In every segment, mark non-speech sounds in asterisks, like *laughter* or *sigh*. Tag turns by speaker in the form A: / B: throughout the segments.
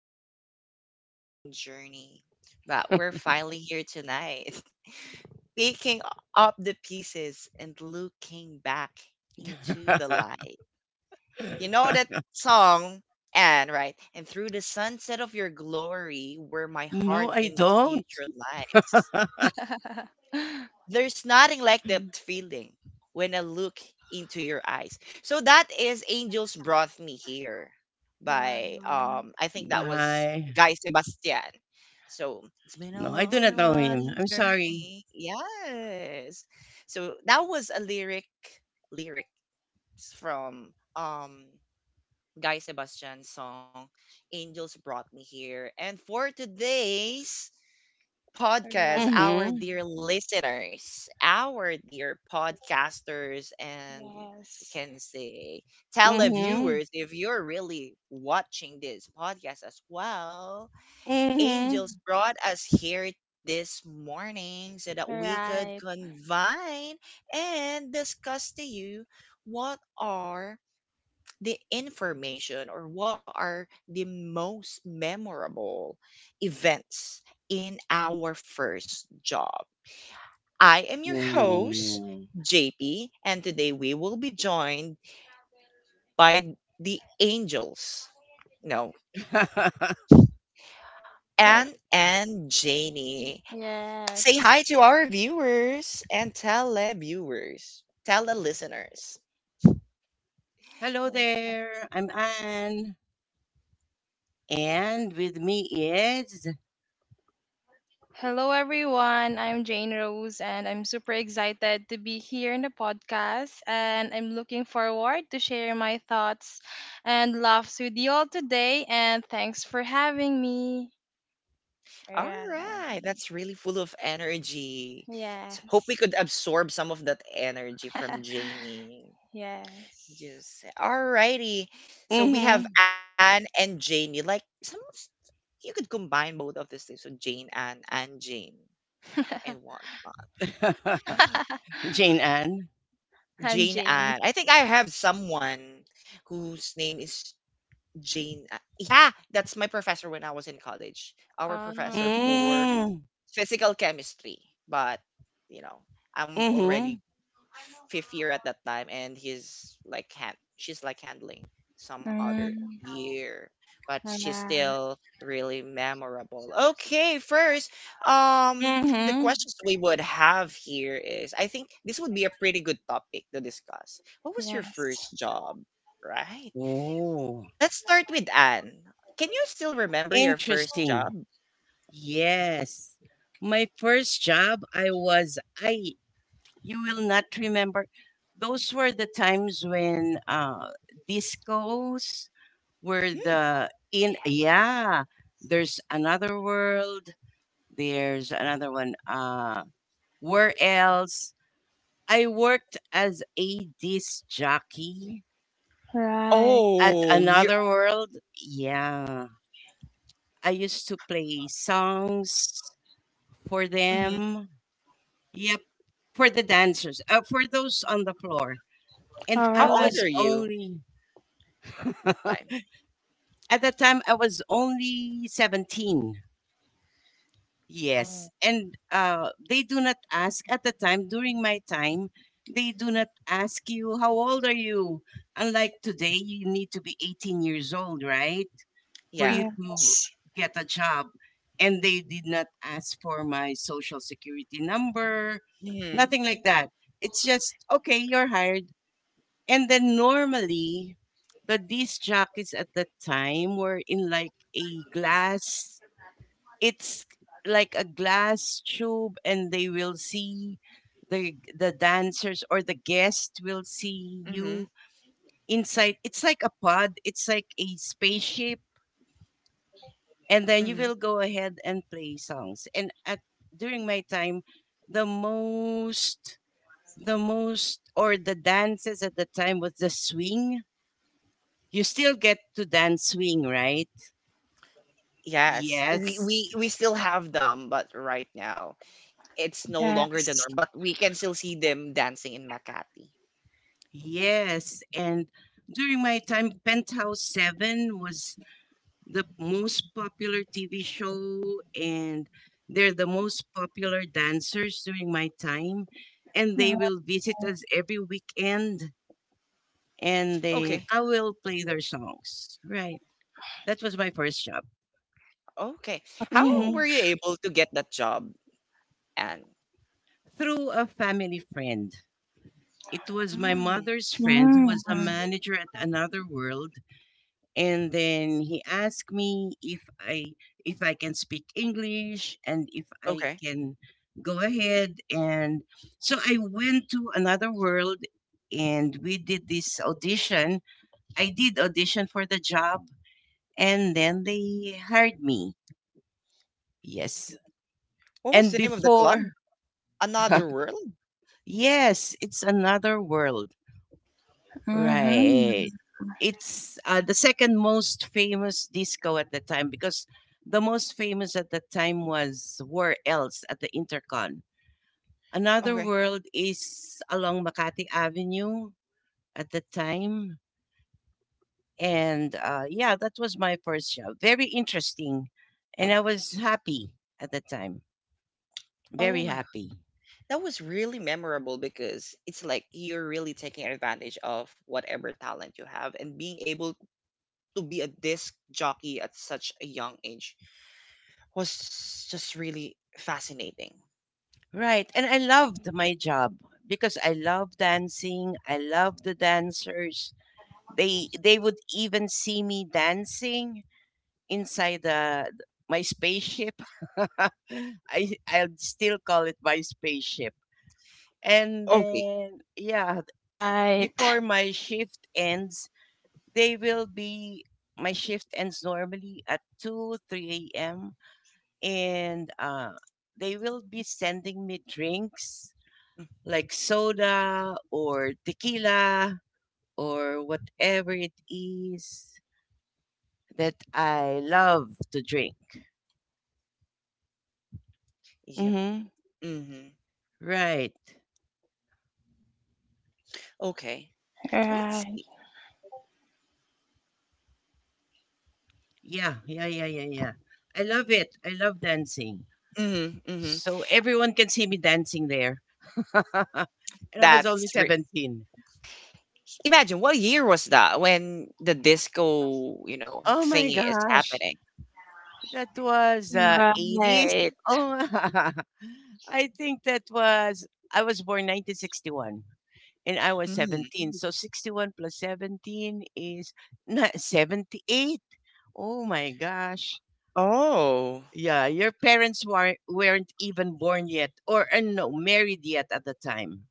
A: a long and winding journey, but we're finally here tonight, *laughs* picking up the pieces and looking back into the
B: *laughs*
A: light. You know that song, and right, and through the sunset of your glory, where my
B: No,
A: heart
B: I
A: in
B: don't.
A: future lies.
B: *laughs*
C: *laughs*
A: There's nothing like that feeling when I look into your eyes. So that is Angels Brought Me Here by
C: Wow.
A: I think that was
B: Bye.
A: Guy Sebastian. So it's been
B: No,
A: a
B: I do not
A: long and
B: know him. I'm
A: winding
B: sorry.
A: journey. Yes. So that was a lyric lyrics from Guy Sebastian's song Angels Brought Me Here. And for today's
C: Right.
A: podcast, our
B: Mm-hmm.
A: dear listeners, our dear podcasters, and we
C: Yes.
A: can say
B: Mm-hmm.
A: televiewers, if you're really watching this podcast as well,
B: Mm-hmm.
A: angels brought us here this morning so that we could
C: Right.
A: convene and discuss to you what are the information or what are the most memorable events in our first job. I am your host,
B: Mm.
A: JP, and today we will be joined by the angels. No,
B: *laughs*
A: Anne and Janie. Say
C: Yes.
A: hi to our viewers and televiewers, tele listeners.
B: Hello
C: Yeah.
B: there. I'm Anne. And with me is
C: Hello, everyone. I'm Jane Rose, and I'm super excited to be here in the podcast. And I'm looking forward to share my thoughts and laughs with you all today. And thanks for having me.
A: All
C: Right.
A: right, that's really full of energy. So hope we
C: Yes.
A: could absorb some of that energy from
C: *laughs*
A: Janie.
C: Yes.
A: Just all righty. So we
B: mm-hmm.
A: have Anne and Janie. Like you could combine both of these things. So Jane Anne and Jane and
C: *laughs*
A: whatnot.
B: *laughs* Jane Anne.
A: *gasps*
C: And
A: Jane
C: James.
A: Anne. I think I have someone whose name is Jane. Yeah, that's my professor when I was in college. Our professor
C: Oh,
A: for
B: Mm.
A: physical chemistry, but you know, I'm
B: Mm-hmm.
A: already fifth year at that time, and she's like handling some other
C: mm,
A: year, but
C: all
A: she's
C: right.
A: still really memorable. Okay, first, um, the
B: Mm-hmm.
A: questions we would have here is, I think this would be a pretty good topic to discuss. What was your
C: Yes.
A: first job? Right.
B: Oh.
A: Let's start with Anne. Can you still remember your first
B: Interesting.
A: job?
B: Yes. My first job, you will not remember. Those were the times when discos were
A: Mm.
B: the in, yeah, there's another world, there's another one, where else? I worked as a disc jockey
C: Right.
B: at
A: Oh, you're.
B: Another World. Yeah. I used to play songs for
A: Mhm.
B: them. Yep, for the dancers, for those on the floor. And
C: All
B: I
A: How
C: right.
B: was
A: old are you
B: only, *laughs*
A: that
B: at
A: time?
B: that time, I was only 17. Yes.
A: Oh,
B: And they do not ask at the time, during my time, they do not ask you, how old are you? Unlike today, you need to be 18 years old, right? For you
A: yeah.
B: to
C: Yes.
B: get a job. And they did not ask for my social security number,
A: Mhm.
B: nothing like that. It's just, okay, you're hired. And then normally, the disc jockeys at that time were in like a glass, it's like a glass tube, and they will see the dancers or the guest will see you
A: Mhm.
B: inside. It's like a pod, it's like a spaceship, and then you will
A: Mhm.
B: go ahead and play songs. And at during my time, the most the most or the dances at the time was the swing. You still get to dance swing, right?
A: Yes. We
B: Yes.
A: we we still have them, but right now it's no longer the
C: Yes.
A: norm, but we can still see them dancing in Makati.
B: Yes. And during my time, Penthouse 7 was the most popular TV show, and they're the most popular dancers during my time. And they will visit us every weekend and
A: Okay.
B: then I will play their songs. Right. That was my first job.
A: Okay. How
B: Hmm.
A: were
C: Okay.
A: you able to get that job? And
B: Through a family friend. It was my
A: mm,
B: mother's friend who
C: Mm.
B: was a manager at Another World, and then he asked me if I can speak English and if I
A: okay.
B: can go ahead, and so I went to Another World and we did this audition. I did audition for the job and then they hired me. Yes.
A: What was
B: And
A: the name of the
B: before,
A: club?
B: *laughs*
A: Another World?
B: yes, it's Another World.
C: Mm-hmm.
B: Right. It's the second most famous disco at the time, because the most famous at the time was Where Else at the Intercon. Another
A: Okay.
B: World is along Makati Avenue at the time. And yeah, that was my first show. Very interesting. And I was happy at the time. Very
A: Oh my god.
B: happy.
A: That was really memorable because it's like you're really taking advantage of whatever talent you have and being able to be a disc jockey at such a young age was just really fascinating.
B: Right. And I loved my job because I love dancing. I love the dancers. They would even see me dancing inside the my spaceship. *laughs* I'd still call it my spaceship. And
A: Okay.
B: then yeah,
C: Right.
B: before my shift ends, they will be my shift ends normally at 2 3 a.m. And they will be sending me drinks like soda or tequila or whatever it is that I love to drink.
A: Yep.
B: Mm-hmm.
A: Mm-hmm.
B: Right.
A: Okay. Let's
C: Right.
A: see.
B: Yeah, yeah, yeah, yeah, yeah. I love it. I love dancing.
A: Mm-hmm, mm-hmm.
B: So everyone can see me dancing there. *laughs* And I was only
A: That's re-
B: 17.
A: imagine what year was that when the disco, you know,
B: Oh my
A: thingy is
B: gosh.
A: happening.
B: That was 80s.
C: Right.
B: Oh, *laughs* I think that was, I was born 1961. And I was
A: Mm.
B: 17. So 61 plus 17 is not *laughs* 78. Oh my gosh.
A: Oh,
B: Yeah, your parents weren't even born yet or no, married yet at the time.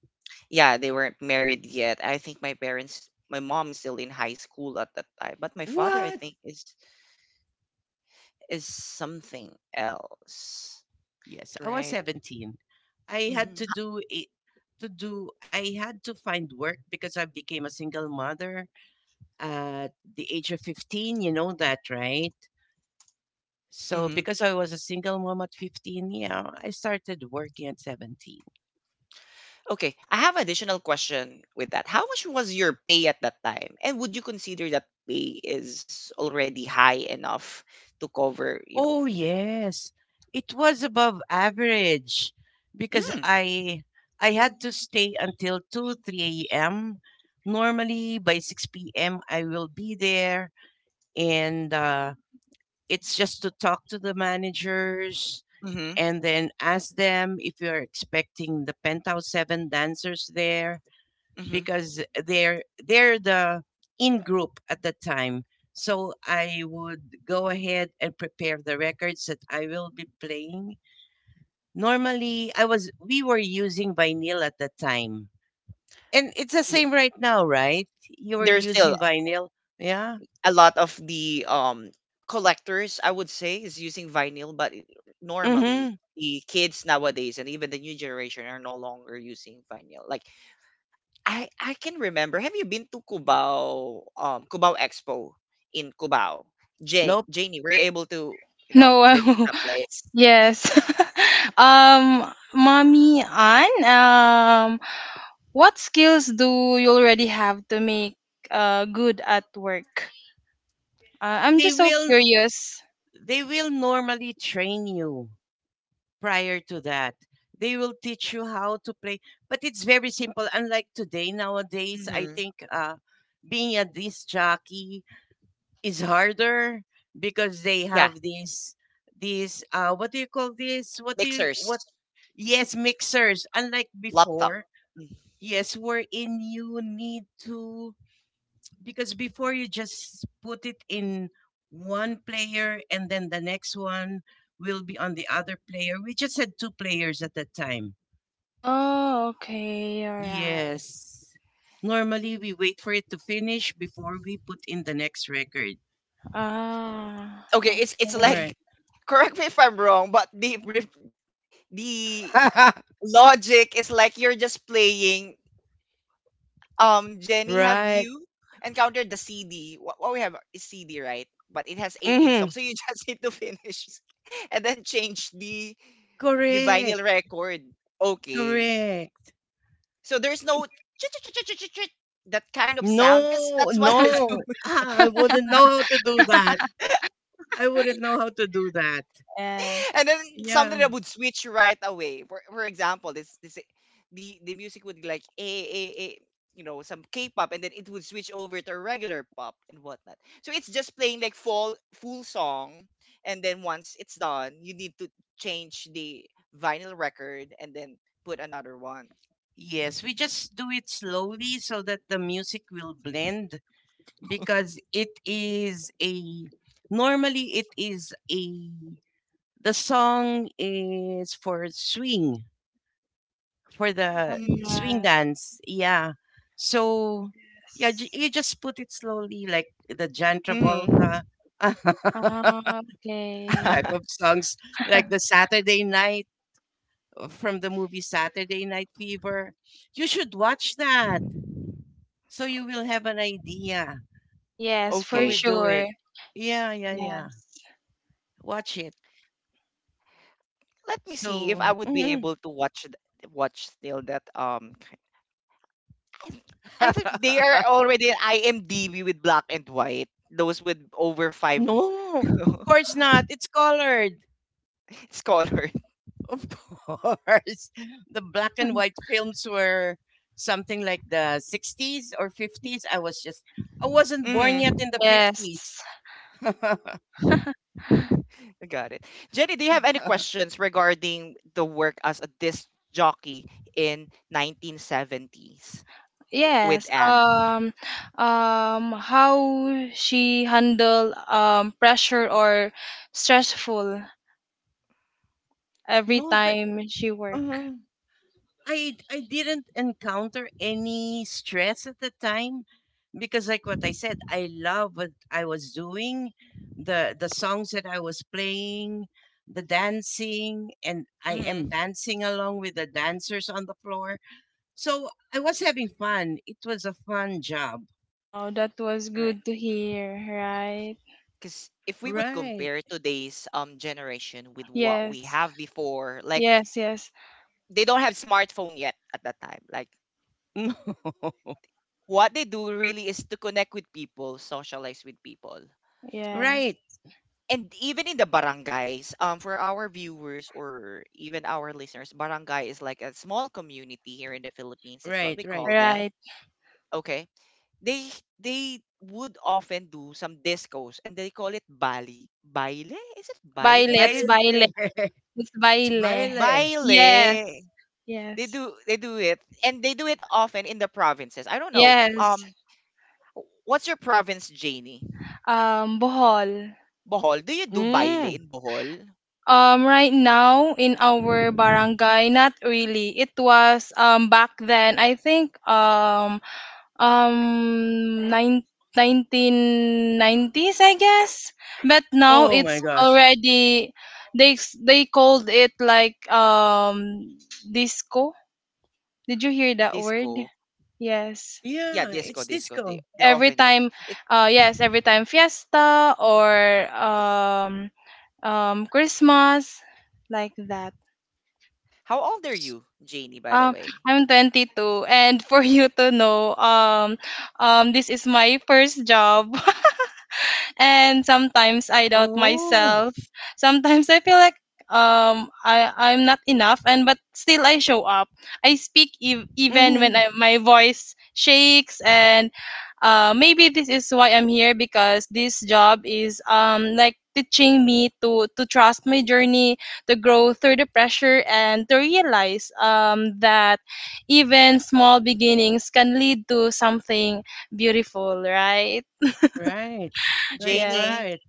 A: yeah, they weren't married yet. I think my parents, my mom is still in high school at that time, but my father, I
B: What?
A: think, is something else,
B: Yes, I was
A: right?
B: 17. I had to
A: Mm-hmm.
B: do it to do I had to find work because I became a single mother at the age of 15, you know that, right? So because I was a single mom at 15, yeah, I started working at 17.
A: Okay, I have additional question with that. How much was your pay at that time? And would you consider that pay is already high enough to cover, you know,
B: Oh, yes. It was above average because
A: mm,
B: I had to stay until 2, 3 a.m. Normally by 6 p.m. I will be there and it's just to talk to the managers
A: mm-hmm,
B: and then ask them if you're expecting the Penthouse 7 dancers there,
A: mm-hmm.
B: because they're the in group at the time. So I would go ahead and prepare the records that I will be playing. Normally, I was we were using vinyl at the time, and it's the
A: Y-
B: same right now, right? You were
A: There's
B: using
A: still
B: vinyl, yeah.
A: a lot of the collectors, I would say, is using vinyl, but normally
B: Mm-hmm.
A: the kids nowadays and even the new generation are no longer using vinyl. Like I can remember. Have you been to Cubao, Cubao Expo in Cubao? Ja
B: Nope.
A: Janie, were you able to, you know,
C: No.
A: visit
C: *laughs*
A: that place?
C: Yes. *laughs* um, mommy Ann. What skills do you already have to make good at work? I'm
B: They
C: just so
B: will
C: curious.
B: they will normally train you prior to that. They will teach you how to play, but it's very simple. Unlike today, nowadays, I
A: Hmm.
B: think being a disc jockey is harder because they
A: Yeah,
B: have these what do you call this? What do you what?
A: mixers,
B: Yes, mixers. Unlike
A: laptop.
B: before,
A: Mm.
B: yes, wherein you need to, because before you just put it in one player and then the next one will be on the other player. We just had two players at that time.
C: Oh, okay, alright.
B: Yes. Normally, we wait for it to finish before we put in the next record.
C: Ah,
A: Okay, it's
C: okay.
A: like,
B: Right.
A: *laughs* correct me if I'm wrong, but the
B: *laughs*
A: logic is like you're just playing. Jenny, have
B: Right.
A: you encountered the CD? What we have is CD, right? But it has 18
B: Mm-hmm.
A: songs, so you *laughs* just need to finish *laughs* and then change the
B: Correct.
A: vinyl record. Okay,
B: Correct.
A: so there's no *tsk* that kind of sound because
B: No,
A: that's what *laughs* they're
B: no.
A: doing.
B: Ah, I wouldn't know how to do that. I wouldn't know how to do that.
C: Yes,
A: And then something
B: Yeah.
A: that would switch right away. For example, this the music would be like a some K-pop, and then it would switch over to a regular pop and whatnot. So it's just playing like full song, and then once it's done, you need to change the vinyl record and then put another one.
B: Yes, we just do it slowly so that the music will blend, because it is a normally it is a the song is for swing, for the
A: Hmm
B: swing
C: alright.
B: dance. Yeah. So, yeah,
C: Yes.
B: you just put it slowly, like the John
A: hmm
B: Travolta *laughs*
C: Ah, okay.
B: type of
A: *laughs*
B: songs, like
C: *laughs*
B: the Saturday night from the movie Saturday Night Fever. You should watch that so you will have an idea
C: Yes,
B: how
C: for
A: okay,
B: we do it.
C: sure.
B: Yeah, yeah, yeah. Watch it.
A: let me see if
B: So,
A: I would be
B: mhm.
A: able to watch still that I think they are
B: *laughs*
A: already in IMDb with black and white. Those with over five
B: No, of
A: *laughs*
B: course not. It's colored.
A: scholar.
B: Of course. *laughs* The black and white films were something like the 60s or
C: Yes.
B: 50s. I wasn't born yet
A: Mm,
B: in the 50s.
C: Yes.
B: *laughs*
C: *laughs*
A: I got it. Jenny, do you have any questions regarding the work as a disc jockey in 1970s with
C: Yes.
A: Anne?
C: How she handle pressure or stressful every
B: No,
C: time she work.
B: uh, I didn't encounter any stress at the time because, like what I said, I love what I was doing, the songs that I was playing, the dancing, and I am
A: Mm-hmm.
B: dancing along with the dancers on the floor. So I was having fun. It was a fun job.
C: Oh, that was
A: Right.
C: good to hear, right?
A: Because if we would
B: Right. *laughs*
A: compare today's generation with what we
C: Yes.
A: have before, like
C: Yes, yes.
A: they don't have smartphone yet at that time. Like
B: No.
A: what they do really is to connect with people, socialize with people.
B: Right.
C: Yes.
A: And even in the barangays, for our viewers or even our listeners, barangay is like a small community here in the Philippines. That's what
B: Right.
A: we
B: Right.
A: call them.
C: Right.
A: Okay. They they would often do some discos and they call it bali. Baile? Is it baile?
C: Baile, it's
B: Baile.
C: baile.
B: *laughs*
C: It's
B: It's
C: baile.
B: baile.
C: Yes.
A: Baile. They
C: Yes.
A: do it and they do it often in the provinces. I don't know.
C: Yes.
A: What's your province, Janie?
C: Bohol.
A: Bohol, do you do baile
B: Mm.
A: in Bohol?
C: Right now in our barangay, not really. It was back then. I think um nine 1990s, I guess, but now
B: Oh
A: Mhm.
B: my
C: it's
B: gosh.
C: already, they called it like disco. Did you hear that word?
A: Disco.
C: Yes,
A: Yeah,
B: Yeah,
A: disco,
B: it's
A: disco.
B: disco.
A: They often
C: every
A: use
C: time.
A: it.
C: Yes, every time fiesta or Christmas, like that.
A: How old are you, Janie, by the
C: um
A: way?
C: I'm 22, and for you to know, this is my first job. *laughs* And sometimes I doubt
B: Oh.
C: myself. Sometimes I feel like I'm not enough, and but still I show up. Even when
B: Hmm.
C: my voice shakes, and maybe this is why I'm here, because this job is like teaching me to trust my journey, to grow through the pressure and to realize that even small beginnings can lead to something beautiful, right?
A: Er,
B: Right. Right.
C: Yes.
A: Janie,
B: Right.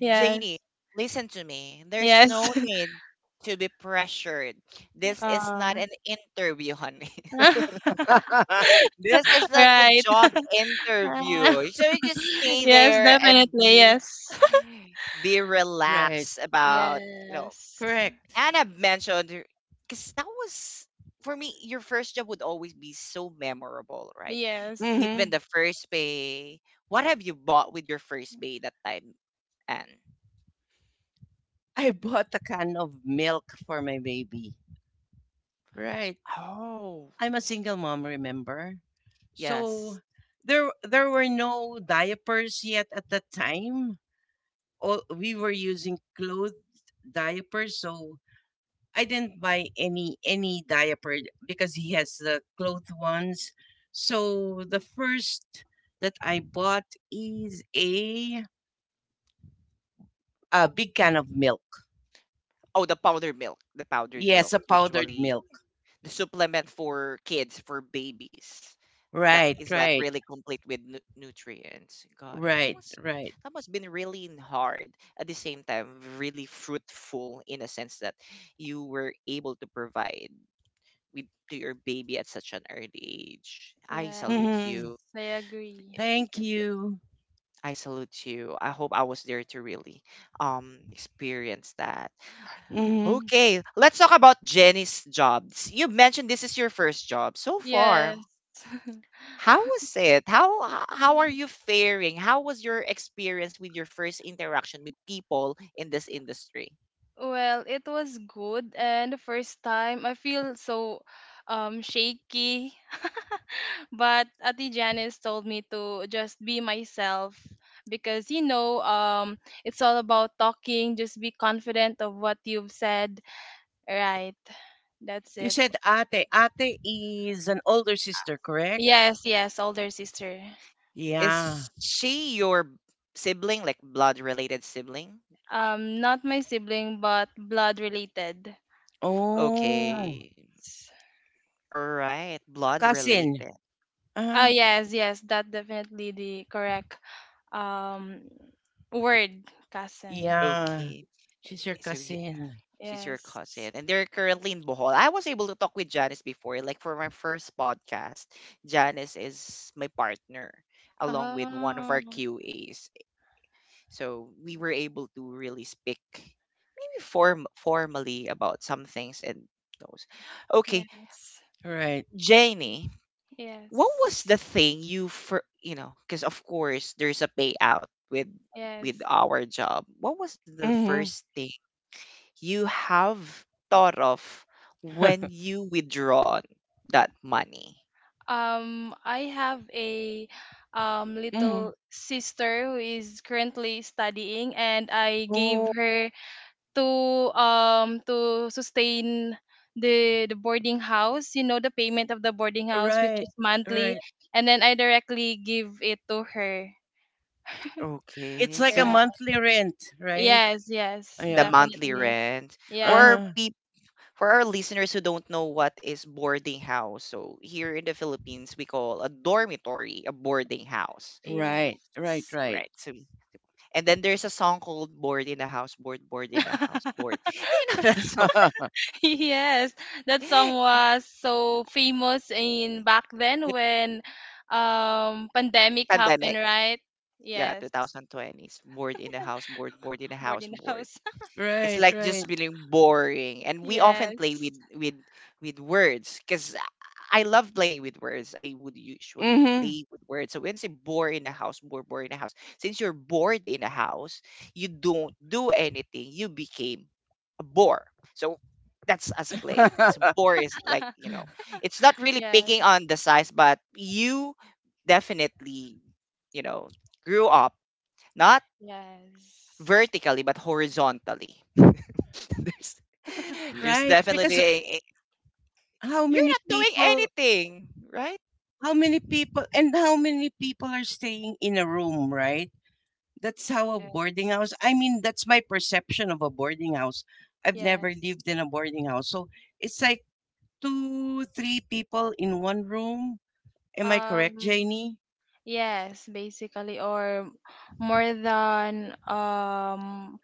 C: Yes.
A: listen to me. There's
C: Yes.
A: no
C: *laughs*
A: need to be pressured. This is
C: Uh,
A: not an interview, honey.
C: *laughs*
B: *laughs*
A: This is not a
C: right.
A: job interview. So you just
C: *laughs*
A: stay
C: Yes,
A: there and
C: definitely.
A: be
C: Yes. *laughs*
A: be
B: Right.
A: relaxed about you know.
C: Yes.
B: Correct.
A: Anna mentioned because that was for me. Your first job would always be so memorable, right?
C: Yes.
A: Even
B: Hmm.
A: the first pay. What have you bought with your first pay that time, Anne?
B: I bought a can of milk for my baby. Right.
A: Oh,
B: I'm a single mom, remember? So
A: yes.
B: there were no diapers yet at that time. All we were using clothed diapers, so I didn't buy any diaper because he has the clothed ones. So the first that I bought is a big can
A: Hmm.
B: of milk.
A: Oh, the powdered milk. The powdered
B: Yes,
A: milk
B: a powdered
A: usually
B: milk.
A: the supplement for kids for babies. That
B: Right,
A: is like
B: right,
A: really complete with nutrients. Got it. That
B: right,
A: was
B: right.
A: that must been really hard at the same time really fruitful in a sense that you were able to provide with to your baby at such an early age. I salute
B: Mm-hmm.
C: Yes.
A: you.
C: I agree.
B: Thank you.
A: I salute you. I hope I was there to really experience that.
B: Mm-hmm.
A: Okay, let's talk about Jenny's jobs. You mentioned this is your first job so far.
C: Yes. *laughs*
A: How was it? How are you faring? How was your experience with your first interaction with people in this industry?
C: Well, it was good, and the first time I feel so shaky, *laughs* but Ati Janice told me to just be myself, because it's all about talking. Just be confident of what you've said. Right. That's
B: You
C: it.
B: said ate. Ate is an older sister, correct?
C: Yes, yes, older sister.
B: Yeah.
A: Is she your sibling, like blood related sibling?
C: Not my sibling, but blood related.
B: Oh,
A: Okay.
C: S-
A: All right.
B: a
A: Blood
B: cousin.
A: related.
C: Ah,
B: Uh,
C: yes, yes, that definitely the correct um word, cousin.
B: yeah.
A: Okay.
B: She's your
A: So he,
B: cousin.
A: She's your
C: Yes.
A: cousin, and they're currently in Bohol. I was able to talk with Janice before, like for my first podcast. Janice is my partner, along with one of our
C: Oh,
A: QAs. So we were able to really speak, maybe formally about some things and those. Okay,
C: yes,
B: Right.
A: Janie, what was
C: yes,
A: the thing you for you know? Because of course there's a payout with
C: yes,
A: with our job. What was the
C: yes.
B: Mm-hmm.
A: first thing you have thought of when
B: *laughs*
A: you withdraw that money.
C: I have a
B: Mm-hmm.
C: little sister who is currently studying, and I gave
B: Oh,
C: her to sustain the boarding house, the payment of the boarding house, which
B: right.
C: is monthly,
B: Right.
C: and then I directly give it to her.
B: It's
A: Okay,
B: like a
A: so
C: Yeah.
B: monthly rent, right?
C: Yes, yes,
A: the
B: Yeah.
A: monthly
C: definitely.
A: rent for
C: Yes,
A: our
B: Uh-huh.
A: for our listeners who don't know what is boarding house. So here in the Philippines, we call a dormitory a boarding house,
B: Right. Right,
C: yes.
B: right.
A: right? So and then there's a song called "Board in the House," "Board, Board in the House," "Board." *laughs*
C: *laughs*
A: Do you know that song? *laughs*
B: *laughs*
C: Yes, that song was so famous in back then
A: The
C: when pandemic happened,
A: pandemic,
C: right?
A: yeah,
C: Yes.
A: 2020s. Board in the house, board, board in the house,
C: Boarding
A: board.
C: house.
A: It's
B: Right,
A: like just
B: right.
A: being boring
C: *laughs*
A: and we often play
C: Yes.
A: with words because I love playing with words I would usually
B: Mm-hmm.
A: play with words so when I say bore in the house bore bore in the house since you're bored in the house you don't do anything you became a bore so that's us playing so bore
B: *laughs*
A: is like you
C: *laughs*
A: know it's not really picking
C: Yes.
A: on the size but you definitely you know grew up not
C: Yes.
A: vertically but horizontally. *laughs* There's there's
B: Right.
A: definitely
B: Because
A: a
B: how
A: you're
B: many
A: not doing
B: people
A: anything, right?
B: How many people are staying in a room, right? That's how a boarding
C: Yes.
B: house. I mean, that's my perception of a boarding house. I've never
C: Yes.
B: lived in a boarding house. So it's like two, three people in one room. Am I correct,
C: Um,
B: Janie?
C: yes, basically, or more than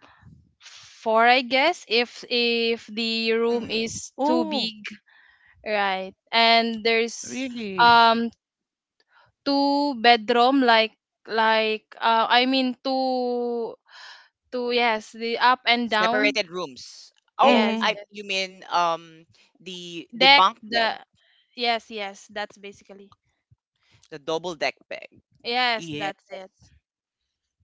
C: four, I guess, if the room
A: Mhm.
C: is too
B: Oh,
C: big, right? And there's
B: really?
C: um two bedroom, like I mean, two yes, the up and down.
A: Separated rooms. Oh,
C: Yes,
B: Mm-hmm.
A: I
C: yes.
A: you mean the
C: Deck
A: bunk bed,
C: the. Yes, yes, that's basically.
A: the double deck bed.
C: Yes,
B: Yeah.
C: that's it.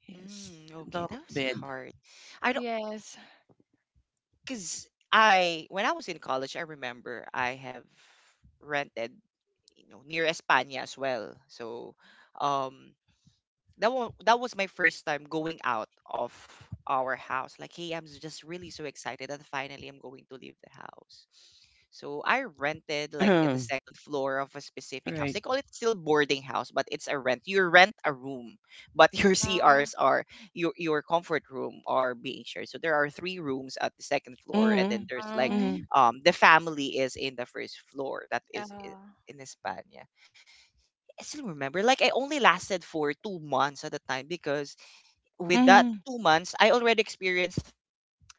B: Yes.
A: Mm, okay,
B: Double
A: that was
B: bed.
A: hard. I don't
C: Yes.
A: because I when I was in college, I remember I have rented you know near Espana as well. So um that was my first time going out of our house. Like, hey, I'm just really so excited that finally I'm going to leave the house. So I rented
B: *clears throat*
A: like in the
B: Right.
A: second floor of a specific house. They call it still boarding house, but it's a rent. You rent a room, but *laughs* your
C: Uh,
A: CRs are your comfort room are being shared. So there are three rooms at the second floor, and
B: Mm-hmm.
A: then there's like
B: Mm-hmm.
C: um,
A: the family is in the first floor. That is
C: uh,
A: in España. I still remember. Like I only lasted for 2 months at the time because with that
B: Mm-hmm.
A: 2 months, I already experienced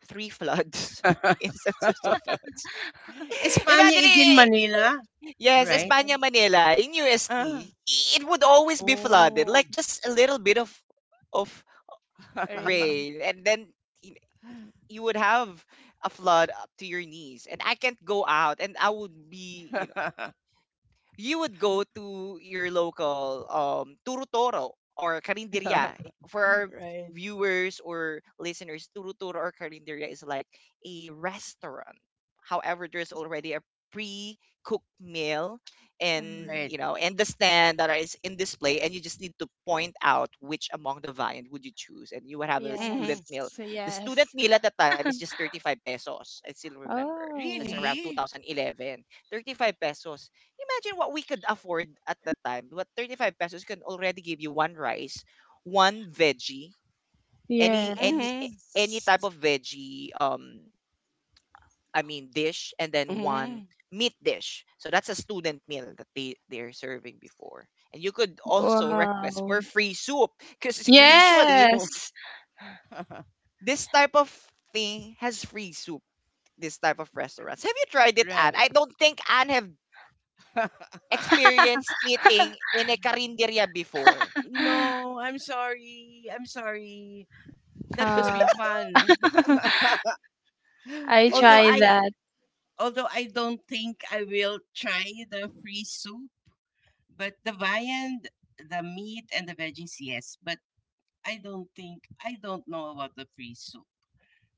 A: three floods, *laughs* instances of
B: *laughs*
A: floods.
C: *laughs*
A: *laughs*
B: Espana
A: Imagine,
B: is in Manila,
A: yes,
C: yes.
B: right?
A: Espana, Manila, in
B: Uh-huh.
A: UST, it would always be flooded.
B: Oh.
A: Like just a little bit of
B: *laughs*
C: Rain.
A: rain, and then y- you would have a flood up to your knees, and I can't go out, and I would be, you know. You would go to your local Turutoro or Carinderia. For our
B: Right.
A: viewers or listeners, Turutoro or Carinderia is like a restaurant. However, there's
C: Yes.
A: already a pre-cooked meal, and
C: Um,
B: Right.
A: you know, and the stand that is in display, and you just need to point out which among the variant would you choose, and you would have a student
B: Mhm.
A: meal.
C: yes.
A: The student
C: Yes.
A: meal at the time is just 35 pesos. I still remember, that's
C: Oh,
A: around
B: Really?
A: 2011. 35 pesos. Imagine what we could afford at that time. What 35 pesos can already give you one rice, one veggie,
C: yes.
B: Mhm.
A: any type of veggie, I mean, dish, and then one
B: Mhm.
A: meat dish. So that's a student meal that they're serving before. And you could also request
C: Wow.
A: for free soup, because
B: Freeze.
A: usually
C: Yes.
B: *laughs*
A: this type of thing has free soup. This type of restaurants. Have you tried it, Anne?
B: Right.
A: I don't think Anne have
B: *laughs*
C: *laughs*
A: experienced eating in a karinderya before.
B: No, I'm sorry. I'm sorry. That must
C: uh,
B: be fun.
C: *laughs*
B: *laughs*
C: I
B: Although
C: try
A: *laughs*
B: I
C: that.
B: although I don't think I will try the free soup, but the viand, the meat and the veggies, yes. But I don't think I don't know about the free soup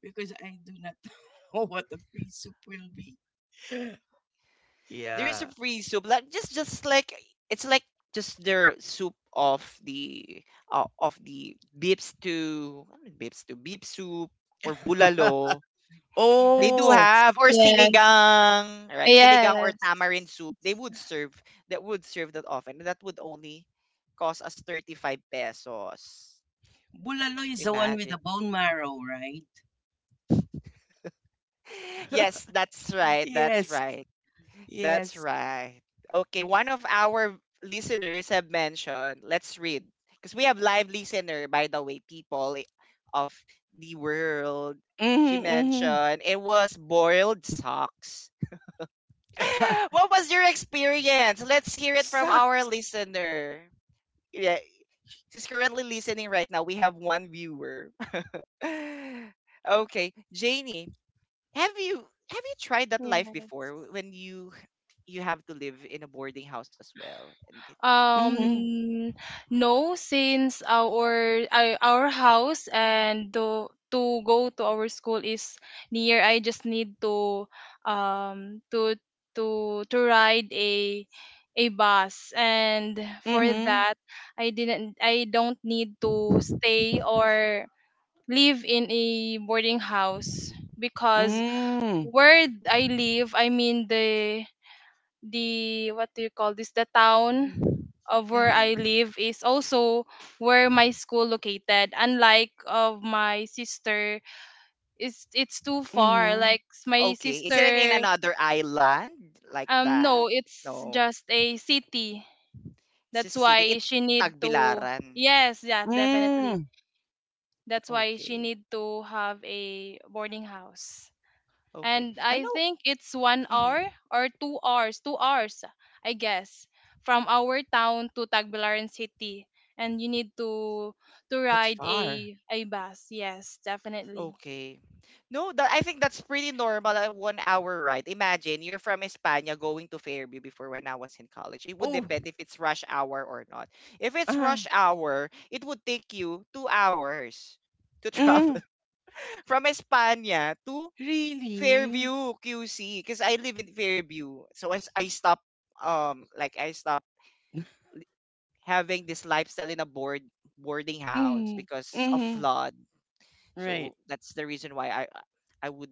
B: because I do not *laughs* know what the free soup will be.
A: There's a
B: Yeah.
A: free soup, like just like it's like just their soup of the, of the beef stew. Ano yung beef stew, beef soup, or
B: *laughs*
A: bulalo they do
C: Yes.
B: Oh,
A: have, or
C: Yes.
A: sinigang, right? Sinigang or
C: Yes.
A: tamarind soup they would serve. That would serve that often, that would only cost us 35 pesos.
B: bulalo is the one with the
A: Imagine.
B: bone marrow, right?
A: *laughs* Yes, that's
B: *laughs*
A: right that's
B: Yes.
A: right That's
B: Yes.
A: right. Okay, one of our listeners have mentioned, let's read. Because we have live listener, by the way, people, of the world. She
B: Mhm.
A: mentioned it was boiled socks. *gasps*
B: Mhm.
A: *laughs*
B: *laughs*
A: What was your experience? Let's hear it from our
B: Sucks.
A: listener. Yeah, she's currently listening right now. We have one viewer. *laughs* Okay, Janie, have you have you tried that life
C: Yes.
A: before, when you have to live in a boarding house as well. And it, and-
B: Mhm.
C: Um, no, since our house and to go to our school is near, I just need to um to to ride a bus, and for
B: Mhm.
C: that, I don't need to stay or live in a boarding house, because
B: Mm.
C: where I live, I mean the what do you call this, the town
A: mm.
C: of where
A: Mm.
C: I live is also where my school located. Unlike of my sister, it's too far.
B: Mhm.
C: My
A: Okay, is it in
C: sister,
A: another island like that?
C: no, it's
A: No,
C: just a city.
A: it's just
C: That's
A: a city.
C: why
A: It's
C: she need to.
A: Tagbilaran.
C: Yes, yeah, definitely.
B: Mm.
C: That's why she
A: Okay,
C: need to have a boarding house.
A: okay.
C: And
A: I
C: I
A: know.
C: think it's one
A: Mhm.
C: hour or 2 hours, 2 hours, I guess, from our town to Tagbilaran City, and you need to
B: That's
C: ride
B: far.
C: a bus. Yes, definitely.
A: Okay. No, that, I think that's pretty normal at 1 hour ride. Imagine you're from España going to Fairview before when I was in college. It would
B: Oh.
A: depend if it's rush hour or not. If it's
B: Uh.
A: rush hour, it would take you 2 hours to travel
B: Mm.
A: *laughs* from España to
B: Really?
A: Fairview QC, because I live in Fairview. So as I stopped, like I stopped having this lifestyle in a boarding house
B: Mm.
A: because of
B: Mhm.
A: flood. So
B: Right.
A: that's the reason why I would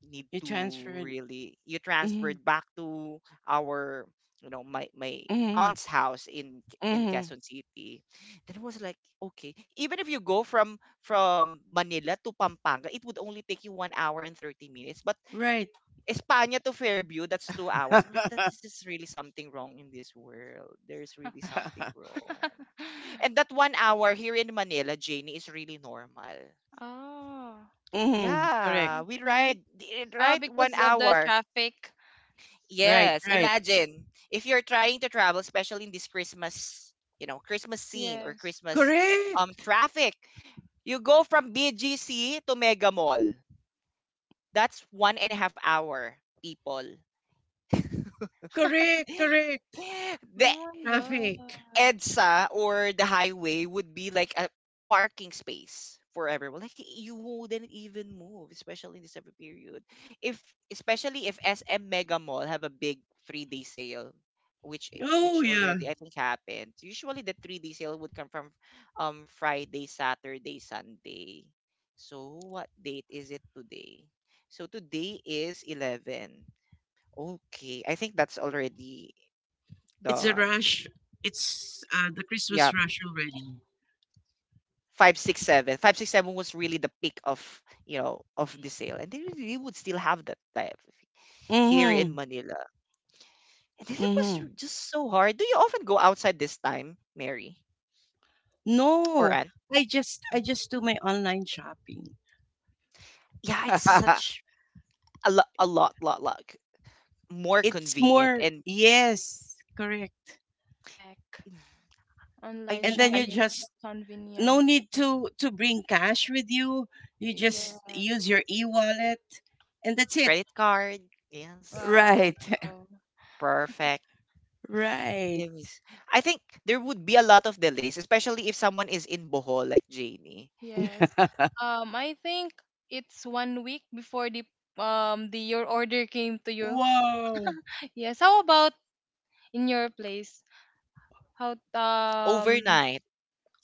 A: need
B: You
A: to
B: transferred.
A: really. You
B: Mhm.
A: transferred back to our, you know, my
B: Mm-hmm.
A: aunt's house in
B: Mm-hmm.
A: Quezon City. Then it was like, okay, even if you go from Manila to Pampanga, it would only take you 1 hour and 30 minutes, but
B: Right.
A: España to Fairview, that's 2 hours. I'm like, that
B: *laughs*
A: is just really something wrong in this world. There's really something wrong.
C: *laughs*
A: And that 1 hour here in Manila, Janie, is really normal.
C: Oh,
B: Mm-hmm. Correct.
A: Yeah, we
C: okay.
A: ride
C: Ah,
A: right, one
C: because of the
A: hour
C: traffic.
B: Right.
A: Yes,
B: Right.
A: imagine if you're trying to travel, especially in this Christmas, you know, Christmas scene or
C: Yes.
B: *laughs*
A: Christmas
B: Correct.
A: traffic, you go from BGC to Mega Mall. That's one and a half hour, people. *gasps*
B: Correct.
C: *laughs*
B: Correct.
A: *laughs* The
C: Oh my
B: Traffic.
C: gosh.
A: EDSA or the highway would be like a parking space for everyone. Like you wouldn't even move, especially in the summer period. If, especially if SM Mega Mall have a big 3 day sale, which which
B: Oh yeah.
A: already I think happened. Usually the 3 day sale would come from, Friday, Saturday, Sunday. So what date is it today? So today is 11. Okay, I think that's already
B: It's a
A: done.
B: rush. It's the
A: Yeah,
B: Christmas rush already.
A: 5 6 7. 5 6 7 was really the peak of, you know, of the sale, and they really would still have that type here
B: Mm-hmm.
A: in Manila. And then it
B: Mm-hmm.
A: was just so hard. Do you often go outside this time, Mary
B: No.
A: or Anne?
B: I
A: Hmm?
B: just do my online shopping.
A: Yeah, it's
B: *laughs*
A: such a lot, more
B: It's more,
A: convenient, and
B: yes, correct.
C: Heck.
A: mm,
C: Online
B: And then you
A: I
C: shopping is
B: just no
C: convenient.
B: need to bring cash with you, you just use
C: Yes.
B: your e-wallet and that's it.
A: credit card, yes,
C: Wow.
B: Right. *laughs*
A: perfect.
B: Right.
A: It was— I think there would be a lot of delays, especially if someone is in Bohol like Janie.
C: Yes.
B: *laughs*
C: I think it's 1 week before the your order came to you.
B: Wow.
C: Yes. How about in your place? How
A: Overnight.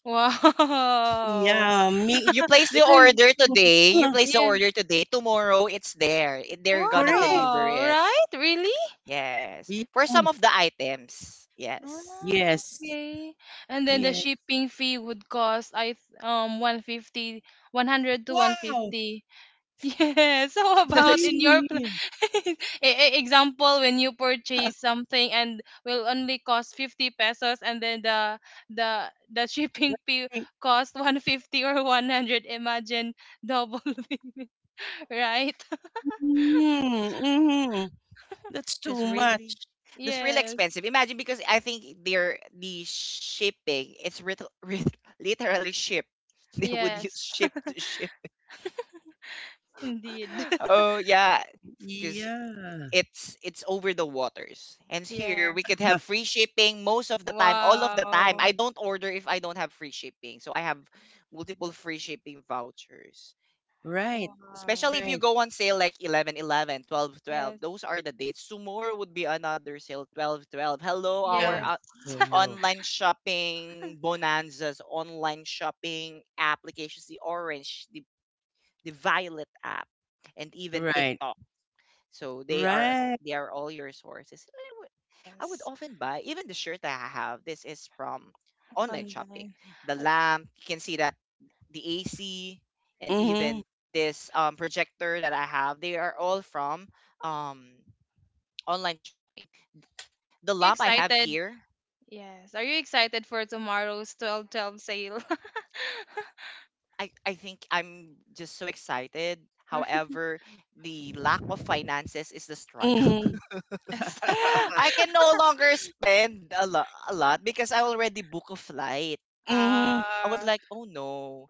C: wow.
B: Yeah, me.
A: You
B: it,
A: place the
C: *laughs*
B: it,
C: And
A: order today,
B: *clears throat*
C: yeah.
A: tomorrow it's there. They're gonna
B: Correct.
A: deliver
C: Wow,
A: it.
C: right? Really?
A: Yes. For some
B: Yes.
A: of the items. Yes.
C: Ah,
B: Yes.
C: okay. And then the
B: Yes.
C: shipping fee would cost, I th- one fifty one hundred to
B: Wow.
C: 150. *laughs* Yes. How
A: *laughs* That's
C: about
A: ex-
C: in your
B: Really?
C: *laughs* e- example, when you purchase something and will only cost 50 pesos, and then the the *laughs* shipping fee
B: *laughs*
C: cost 150 or 100. Imagine, double. *laughs* Right? *laughs*
A: that's,
B: Mm-hmm. Mm-hmm. That's too
A: that's
B: much.
A: really
C: Yes.
A: expensive. Imagine, because I think they're the shipping, it's *laughs* literally ship. *laughs* They would use
C: Yes.
A: ship
C: *laughs*
A: to ship.
C: Indeed.
A: *laughs*
C: *laughs*
A: Oh yeah.
B: Yeah.
A: It's over the waters. And here we
C: Yes.
A: could have
B: *laughs*
A: free shipping most of the time, all of the time.
C: Wow.
A: I don't order if I don't have free shipping. So I have multiple free shipping vouchers.
B: Right.
C: Wow.
A: Especially if
B: Right.
A: you go on sale like 11 11, 12 12.
C: Yes.
A: Those are the dates. Tomorrow would be another sale, 12 12. Hello, our,
C: Yes.
B: Well.
C: *laughs*
B: Well.
A: online shopping bonanzas, online shopping applications, the orange, the violet app, and even
B: Right.
A: TikTok. So they are,
B: Right.
A: all your sources. I would
C: Yes.
A: often buy even the shirt that I have. This is from online shopping.
C: Online.
A: The
C: Uh,
A: lamp, you can see that, the AC, and
B: Mm-hmm.
A: even this, projector that I have, they are all from, um, online shopping. The
C: So you
A: lamp I have
C: excited?
A: here.
C: Yes. Are you excited for tomorrow's 12 12 sale?
A: I think I'm just so excited.
C: *laughs*
A: However, the lack of finances is the struggle.
B: Mhm. Mhm.
C: Yes.
A: *laughs* I
B: *laughs*
C: *laughs*
A: can no longer spend a lot because I already book a flight. I was
C: Ah.
A: like, oh no,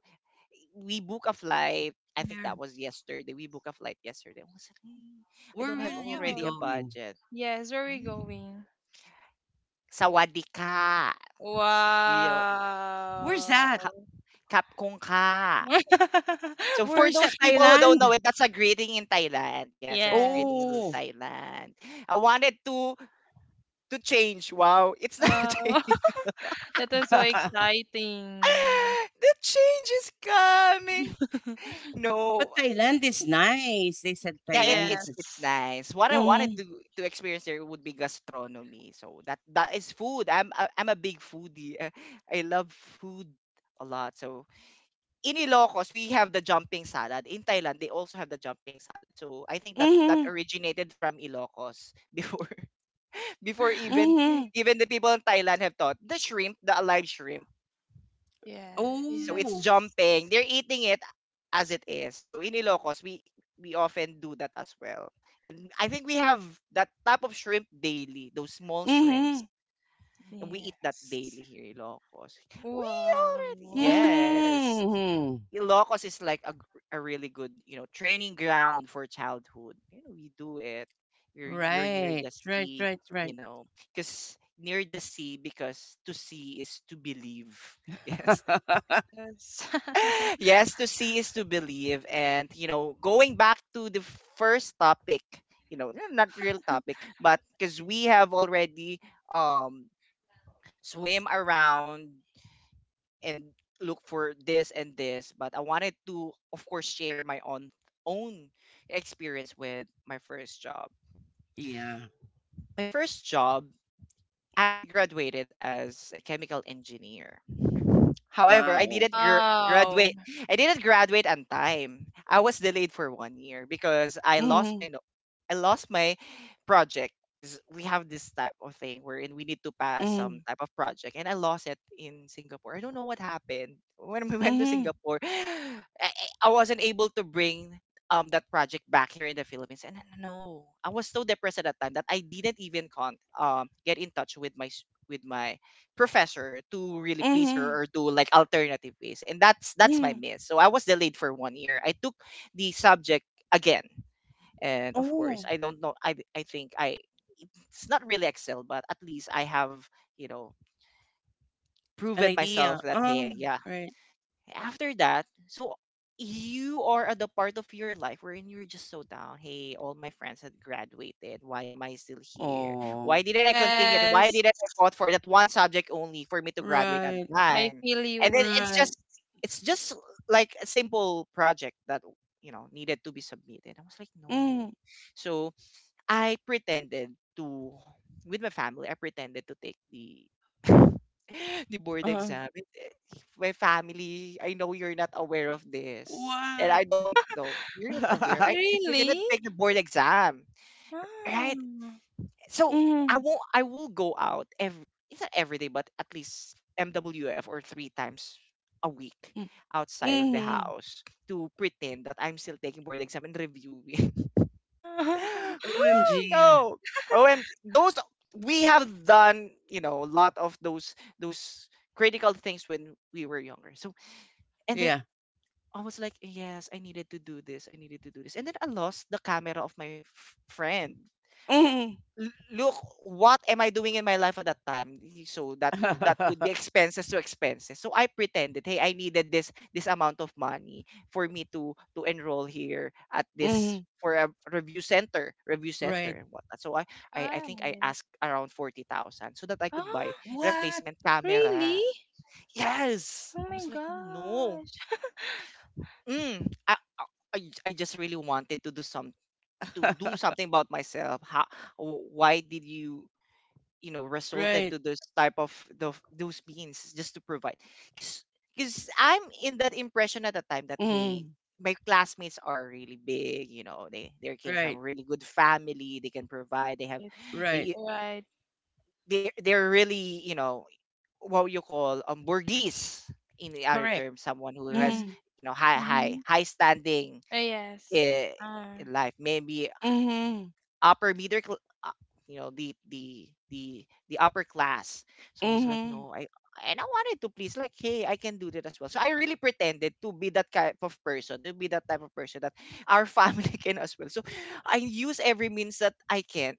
A: we book a flight. I think
B: Where
A: that was yesterday. We book a flight yesterday. I was like, "Eh, I
B: where
A: don't have
B: will you be
A: already a
C: Oh.
B: going?
A: budget."
C: Yes, where are we
A: Hmm?
C: going?
A: Sawadika. You know,
B: Where's that?
C: Wow.
A: ka- kapkong ka. So for
C: *laughs*
B: Where's
A: those
B: that
A: people who don't
B: Thailand?
A: know it, that's a greeting in Thailand. Yes, there's a greeting in
B: Oh,
C: Yes.
A: Thailand. I wanted to change. Wow, it's not.
C: Wow.
A: *laughs* Change.
C: *laughs* That was so
B: *laughs*
C: exciting.
A: *laughs* The change is coming.
C: *laughs*
B: but
A: No,
B: Thailand is nice. They said
A: yeah,
B: Thailand is.
A: it's
C: Yes.
A: nice. What I wanted
B: Mhm.
A: to experience there would be gastronomy. So that, that is food. I'm, I'm a big foodie. *laughs* I love food a lot. So in Ilocos, we have the jumping salad. In Thailand, they also have the jumping salad. So I think that that
B: Mhm.
A: originated from Ilocos *laughs* before, before even
B: Mhm.
A: even the people in Thailand have thought the shrimp, the alive shrimp,
C: Yeah.
A: so it's
B: Oh.
C: Yes.
A: jumping. They're eating it as it is. So in Ilocos, we often do that as well. And I think we have that type of shrimp daily, those small shrimps.
B: Mhm.
A: And we eat that
C: Yes.
A: daily here in Ilocos. We already,
C: Wow. *laughs*
A: yes.
B: Mhm.
A: Ilocos is like a really good, you know, training ground for childhood. You know, we do it. You're near
B: Right.
A: the
B: Right.
A: sea,
B: Right.
A: you
B: Right.
A: know, because near the sea, because to see is to believe. *laughs* Yes.
B: *laughs*
C: Yes.
A: *laughs* Yes, to see is to believe. And, you know, going back to the first topic, you know, not real
C: *laughs*
A: topic, but because we have already, um, swim around and look for this and this. But I wanted to, of course, share my own experience with my first job.
B: Yeah.
A: My first job, I graduated as a chemical engineer. However, I
B: Wow.
A: didn't
C: Wow.
A: graduate. I didn't graduate on time. I was delayed for 1 year because I lost my
B: Mhm.
A: I lost my project. 'Cause we have this type of thing wherein we need to pass some
B: Mhm.
A: type of project, and I lost it in Singapore. I don't know what happened *laughs* when we went to
B: Mhm.
A: Singapore. *sighs* I wasn't able to bring, that project back here in the Philippines. And no, I was so depressed at that time that I didn't even get in touch with my with my professor to really please
B: Mhm.
A: her or do like alternative ways. And that's my
B: Mhm.
A: miss. So I was delayed for 1 year. I took the subject again. And of course,
B: Oh,
A: I don't know. I think I, it's not really excel, but at least I have, you know,
B: an
A: proven myself
B: idea.
A: that,
B: Uh,
A: hey, yeah,
B: right.
A: after that. So you are at the part of your life wherein you're just so down. Hey, all my friends had graduated. Why am I still here?
B: Oh,
A: Why didn't I continue? Why
C: Yes.
A: didn't I fought for that one subject only for me to graduate on
B: right,
C: I
A: time?
C: feel
A: And
C: you.
A: then it's
B: right.
C: Yes.
A: just it's just like a simple project that, you know, needed to be submitted. I was like, no.
B: Mm,
A: So I pretended to, with my family, I pretended to take the *laughs* the board
B: uh,
A: exam. My family, I know you're not aware of this. And
B: what?
A: I don't know. You're not aware.
B: *laughs*
A: I pretended
C: Really?
A: to take the board exam. Right?
C: Ah.
A: So I
B: Mm,
A: won't I will go out every, it's not every day, but at least MWF or three times a week
B: mm,
A: outside of the
B: mm.
A: house to pretend that I'm still taking board exam and reviewing. *laughs*
C: *laughs*
A: Woo,
B: OMG.
A: no. OMG. Those we have done, a lot of those critical things when we were younger. So and then
B: Yeah.
A: I was like, yes, I needed to do this. I needed to do this. And then I lost the camera of my friend.
B: Mm.
A: Look, what am I doing in my life at that time? So that would be
B: *laughs*
A: expenses to expenses. So I pretended, hey, I needed this amount of money for me to enroll here at this
B: Mm,
A: for a review center
B: right.
A: and whatnot. So I think I
C: Right.
A: asked around 40,000 so that I could buy
C: Ah,
B: What?
A: replacement camera.
C: really?
A: Yes,
C: Oh
A: I
C: my
A: was like, oh no.
C: gosh. *laughs*
A: mm, I, I i I just really wanted to do
B: *laughs*
A: something about myself. How? Why did you, you know resulted
B: Right.
A: to those type of those means just to provide. Because I'm in that impression at the time that, hey,
B: Mm,
A: my classmates are really big, they came from
B: right.
A: a really good family. They can provide. They have.
C: Right.
B: Right.
A: they
C: Right.
A: they're, they're really, you know what you call, burgese, in the other
B: Correct.
A: term, someone who has,
B: Mm,
C: Mm.
A: high high
C: Mm-hmm.
A: high standing,
C: Yes.
A: eh,
C: Ah.
A: in life maybe,
B: mm-hmm.
A: upper middle the upper class. So I was like,
B: Mm-hmm.
A: no. I And I wanted to please, like, hey, I can do that as well. So I really pretended to be that type of person, to be that type of person that our family *laughs* can as well. So I use every means that I can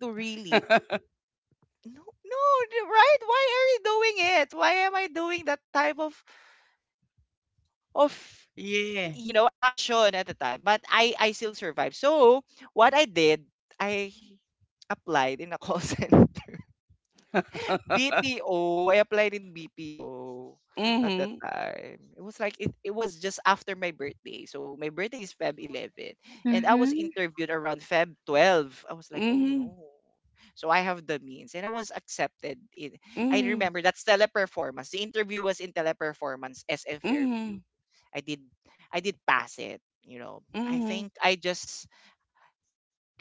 A: to really —
B: *laughs*
A: no, no. Right? Why are you doing it? Why am I doing that type of of
B: Yeah.
A: action at the time? But I still survived. So what I did, I applied in a call *laughs* center
B: *laughs*
A: BPO. I applied in BPO at that
B: Mm-hmm.
A: time. It was like it was just after my birthday. So my birthday is February 11, and I was
C: Mm-hmm.
A: interviewed around February 12. I was like, "Oh
B: Mm-hmm.
A: no." So I have the means, and I was accepted in. I
B: Mm-hmm.
A: remember that's Teleperformance. The interview was in Teleperformance SM Fairview.
B: Mm-hmm.
A: I did I did pass it, you know. I think I just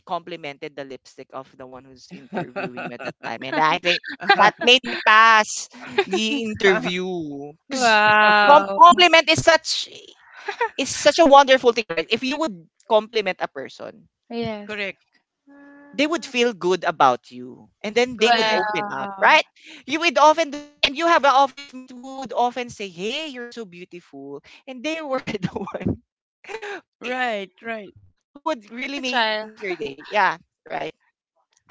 A: complimented the lipstick of the one who's interviewing me at that time. And I think that
C: *laughs*
A: made me pass the
B: Mm-hmm.
A: interview. Because
B: *laughs*
C: Wow.
A: compliment is such a wonderful thing, right? If you would compliment a person,
C: Yes.
B: Correct.
A: they would feel good about you. And then they would
B: Correct.
A: open up,
C: Wow.
A: right? You would often do, and you have an office mate who would often say, "Hey, you're so beautiful." And they were *laughs* the one who
B: Right. Right.
A: who would really make your
C: Agile.
A: make your day. Yeah. Right.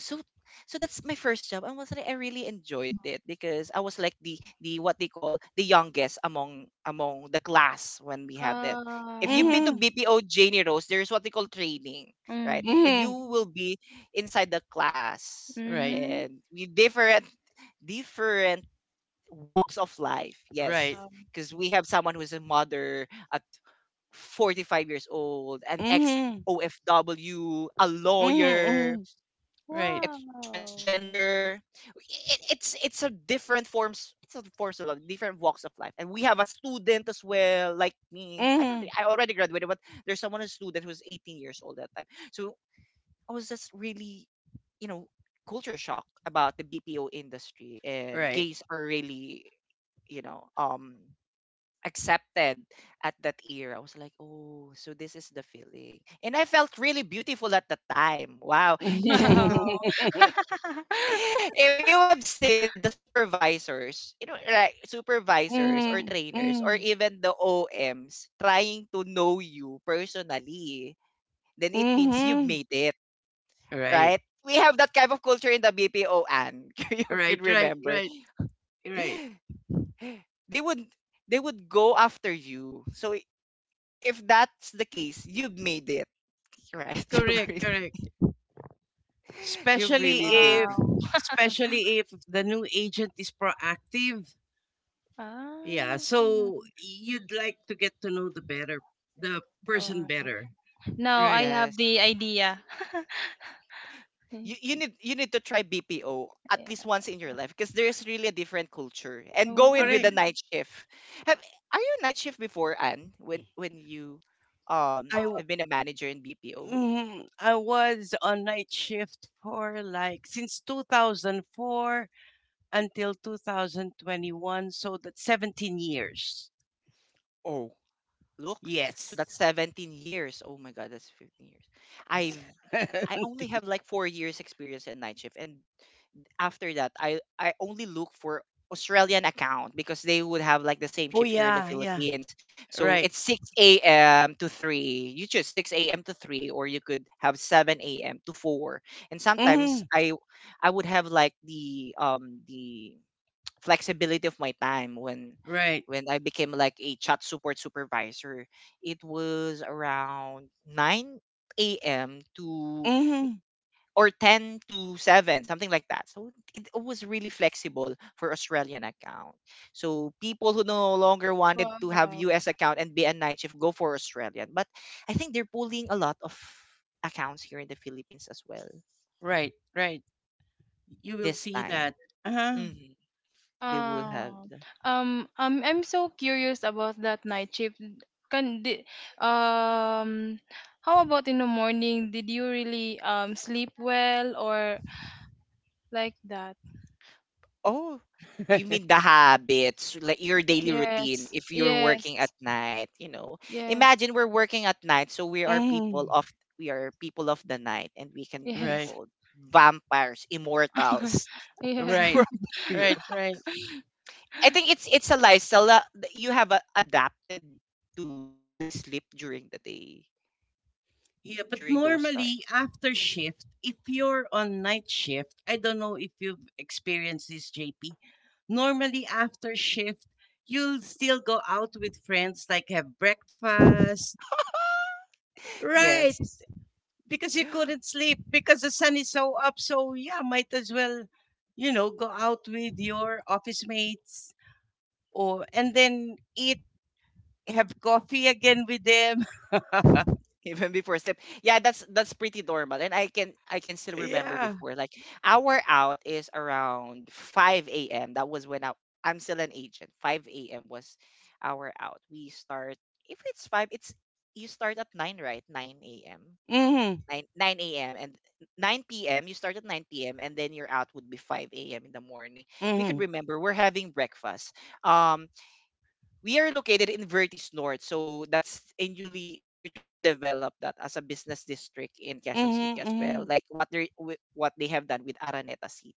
A: so so that's my first job,
C: *laughs*
A: and was like, I really enjoyed it because I was like the what they call the youngest among the class when we have that. If you've
C: Ah,
A: been to
B: Mhm.
A: BPO, Janie Rose, there's what they call training, right?
C: mm,
A: And you
B: Mhm.
A: will be inside the class,
B: Right.
C: mhm.
A: and we different walks of life. Yes,
B: Right.
C: Wow.
A: because we have someone who's a mother at 45 years old, an ex
B: Mhm.
A: OFW, a
B: Mhm.
A: lawyer,
B: Mhm. Right.
C: Wow.
A: it's a transgender, it's a different forms, it's a forms of life, different walks of life, and we have a student as well like me. I don't
B: Mhm.
A: think I already graduated, but there's someone, a student who's 18 years old that time. So I was just really, you know culture shock about the BPO industry. And
B: Right.
A: gays are really, you know um accepted at that era. I was like, oh, so this is the feeling. And I felt really beautiful at the time, wow.
C: *laughs*
A: *laughs*
B: *laughs*
C: Wow. *laughs*
A: if you have seen the supervisors, like supervisors or
B: Mhm.
A: trainers or
B: Mhm.
A: even the OMs, trying to know you personally, then it means you've made
B: Mhm.
A: it, right?
B: Right.
A: We have that kind of culture in the BPO, and *laughs* you can
B: Right. Right.
A: remember.
B: Right. Right.
A: They would they would go after you. So if that's the case, you've made it, right? *laughs* You've
B: Correct.
A: really,
B: Correct.
A: you've
B: Especially
A: really made
B: if,
A: it.
C: Wow. *laughs*
B: especially if the new agent is proactive. Yeah. So you'd like to get to know the person
C: Ah. Wow.
B: better.
C: Now I
B: Right.
A: Yes.
C: have the idea. *laughs*
A: you,
C: Mm,
A: you need you need to try BPO at
C: yeah.
A: least once in your life because there's really a different culture. And go in
C: Wow.
A: with
B: Correct.
A: the night shift. Have Are you night shift before, Anne? When you
B: I,
A: have been a manager in BPO?
B: Mhm. I was on night shift for since 2004 until 2021, so that's 17 years.
A: Oh, look. So
B: Yes.
A: that's 17 years. Oh my god, that's 15 years. I've I
B: *laughs*
A: only have like 4 years experience in night shift. And after that, I only look for Australian account because they would have like the same
B: Oh
A: shift here in the
B: yeah, yeah.
A: Philippines. So
B: Right.
A: it's 6 a.m to 3. You choose 6 a.m to 3, or you could have 7 a.m to 4. And
B: hmm
A: sometimes I would have like the flexibility of my time when
B: Right.
A: I became like a chat support supervisor. It was around 9 a.m to
B: hmm
A: or 10 to 7, something like that. So it was really flexible for Australian account. So people who no longer wanted to have
C: Wow.
A: US account and be a night shift go for Australian. But I think they're pulling a lot of accounts here in the Philippines as well
B: Right. Right. You will
A: this
B: see
A: time.
B: that. Uh-huh.
A: hmm they will have
C: Um,
A: the,
C: um, I'm so curious about that night shift. Can di, um, how about in the morning? Did you really sleep well or like that.
A: oh, you mean
B: *laughs*
A: the habits, like your daily routine
C: Yes,
A: if you're
C: yes,
A: working at night.
C: yes,
A: Imagine we're working at night, so
B: hmm
A: we are people of the night, and we can be
C: yes,
B: Right.
A: called vampires,
C: *laughs*
A: immortals
C: yes,
A: *laughs*
B: Right.
A: from the view.
B: Right. Right.
A: I think it's a lifestyle that you have adapted to really sleep during the day
B: Yeah, but
A: during those
B: normally
A: times.
B: after shift, if you're on night shift, I don't know if you've experienced this, JP. Normally after shift, you'll still go out with friends, like have breakfast.
C: *laughs*
B: Right,
A: Yes.
B: because you couldn't sleep because the sun is so up. So, yeah, might as well, go out with your office mates or and then eat, have coffee again with them. *laughs*
A: Even before sleep. Yeah, that's pretty normal. And I can still remember
B: Yeah.
A: before. Like our out is around 5 AM. That was when I'm still an agent. 5 AM was our out. We start, if it's five, it's you start at nine, right? 9 AM.
B: Mm-hmm.
A: Nine AM and 9 PM, you start at 9 PM, and then your out would be 5 AM in the morning. We could
B: Mm-hmm.
A: remember we're having breakfast. Um we are located in Vertis North. So that's a newly they're trying to develop that as a business district in Quezon City as well,
B: Mm-hmm.
A: like what they have done with Araneta City.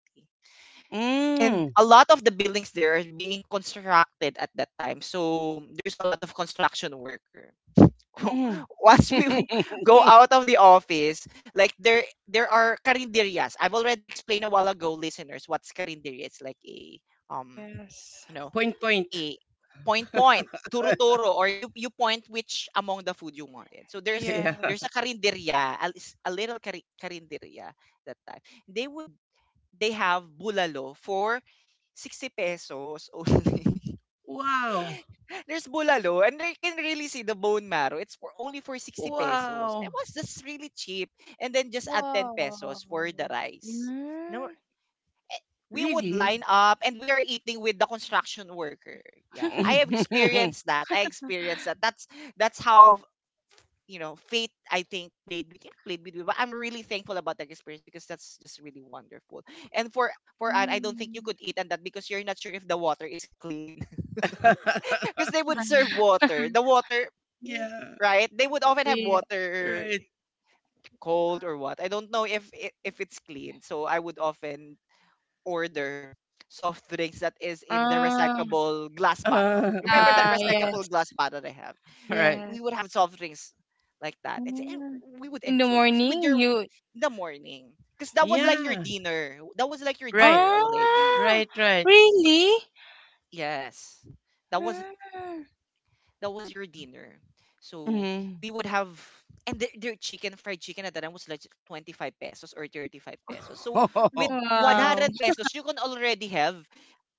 A: And
B: Mm,
A: a lot of the buildings there are being constructed at that time. So there's a lot of construction worker. *laughs*
B: mhm.
A: Once we go
B: *laughs*
A: out of the office, like there are carinderias. I've already explained a while ago, listeners, what's carinderia. It's like a, um
C: yes,
A: you know
B: Point,
A: a,
B: point.
A: point,
B: *laughs*
A: point, turo-turo, or you point which among the food you wanted. So
B: Yeah.
A: there's a
C: yes.
A: karinderya, a little karinderya that time. They would they have bulalo for 60 pesos only.
B: Wow.
A: *laughs* There's bulalo, and you can really see the bone marrow. It's for only for 60 pesos. That
B: Wow.
A: was just really cheap, and then just add 10
C: Wow.
A: pesos for the rice. And
C: Mm.
A: we would
B: Really?
A: line up, and we are eating with the construction worker. Yeah. I
C: *laughs*
A: have
B: *laughs*
A: experienced that. I experienced that. That's how, fate I think played with, yeah, played with me. But I'm really thankful about that experience because that's just really wonderful. And for Anne, I don't think you
C: Mm.
A: could eat on that because you're not sure if the water is clean. *laughs* Because they would serve water. The
C: *laughs*
A: water,
B: Yeah,
A: right? They would often have
C: Yeah.
A: water,
B: right.
A: cold or what. I don't know if it's clean. So I would often order soft drinks that is in the
C: Ah,
A: recyclable glass bottle.
B: Uh,
A: Remember that
C: ah,
B: *laughs*
A: recyclable
C: yes,
A: glass bottle they have?
B: right.
A: We
C: yes.
A: would have soft drinks like that. And
C: Mm.
A: we would
C: In the
A: enjoy because with
C: morning,
A: your
C: you.
A: in the morning, because that was like
C: Mm.
A: your
B: Yeah,
A: dinner. That was like your
B: right.
A: dinner already.
C: Ah,
B: Right, right.
C: really?
A: Yes. That was
C: Ah,
A: your dinner. So
B: Mm-hmm.
A: we would have, and their chicken, fried chicken at that time was like 25 pesos or 35 pesos. So with
B: *laughs*
C: wow.
A: 100 pesos you can already have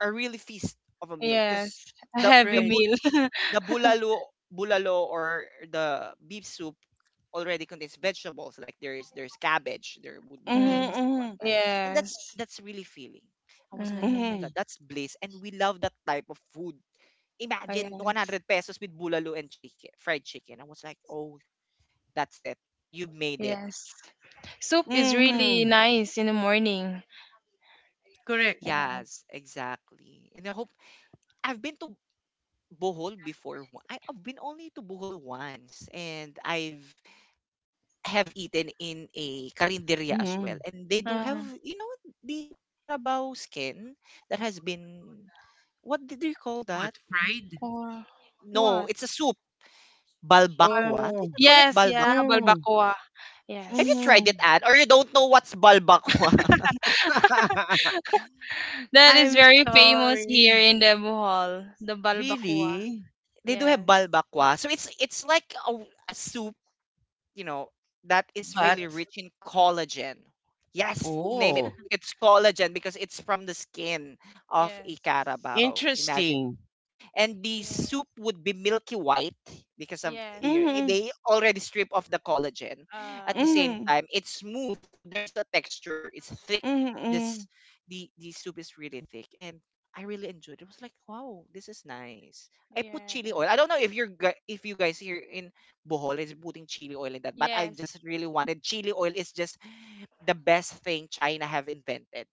A: a really feast of a meal,
C: Yes,
A: because
C: a
A: the
C: heavy
A: the
B: Right.
A: bul
C: meal.
A: the
C: *laughs*
A: bulalo bulalo or the beef soup already contains vegetables, like there's cabbage, there would be
C: Mm.
B: Mm-hmm,
A: beans and
B: mm-hmm,
A: whatnot. And
C: Yes.
A: that's really feeling. I was like, oh
C: Mm.
A: my god,
B: mm-hmm.
A: that's bliss. And we love that type of food.
C: Oh,
A: Imagine,
C: yes.
A: 100 pesos with bulalo and chicken fried chicken, I was like, oh, that's it, you made it.
C: Yes. Soup is really
B: Mm-hmm.
C: nice in the morning.
B: Correct.
C: Yes.
A: Yes, exactly. And I hope — I've been to Bohol before. I've been only to Bohol once, and I've have eaten in a karinderya as
B: Mm-hmm.
A: well. And they do
C: Uh,
A: have, the carabao skin that has been — what did you call that?
B: What, fried?
C: or
A: No,
C: what?
A: it's a soup.
C: Uh,
A: Balbakwa. Did
B: Oh.
A: you call it
C: yes, yeah,
A: balbakwa?
B: Mm,
C: balbacoa.
A: Have you
C: Yes.
A: tried it,
B: Mm-hmm.
A: Anne? Or you don't know what's balbakwa? *laughs*
C: *laughs*
B: *laughs*
C: That is
B: I'm
C: very famous here
B: sorry.
C: in the Bohol, the balbacoa.
B: Really?
A: they do have
C: Yes.
A: balbakwa. So it's like a soup you know, that is really
B: But
A: rich in collagen. Yes, you name
C: Yes.
A: it.
B: oh,
A: It's collagen because it's from the skin of a
C: Yes.
A: carabao. Imagine.
B: interesting.
A: And the soup would be milky white because of
C: Yes,
B: Mhm.
C: yes.
A: they already strip off the collagen. At the
C: Yeah.
A: same
B: Mhm.
A: time, it's smooth, so there's a texture. It's thick.
B: Mhm.
A: This
B: Mhm.
A: the soup is really thick, and I really enjoyed it. It was like, wow, this is nice. I put chili
C: Yeah.
A: oil. I don't know if if you guys here in Bohol is putting chili oil in that. But I
C: Yes.
A: just really wanted chili oil is just the best thing China have invented.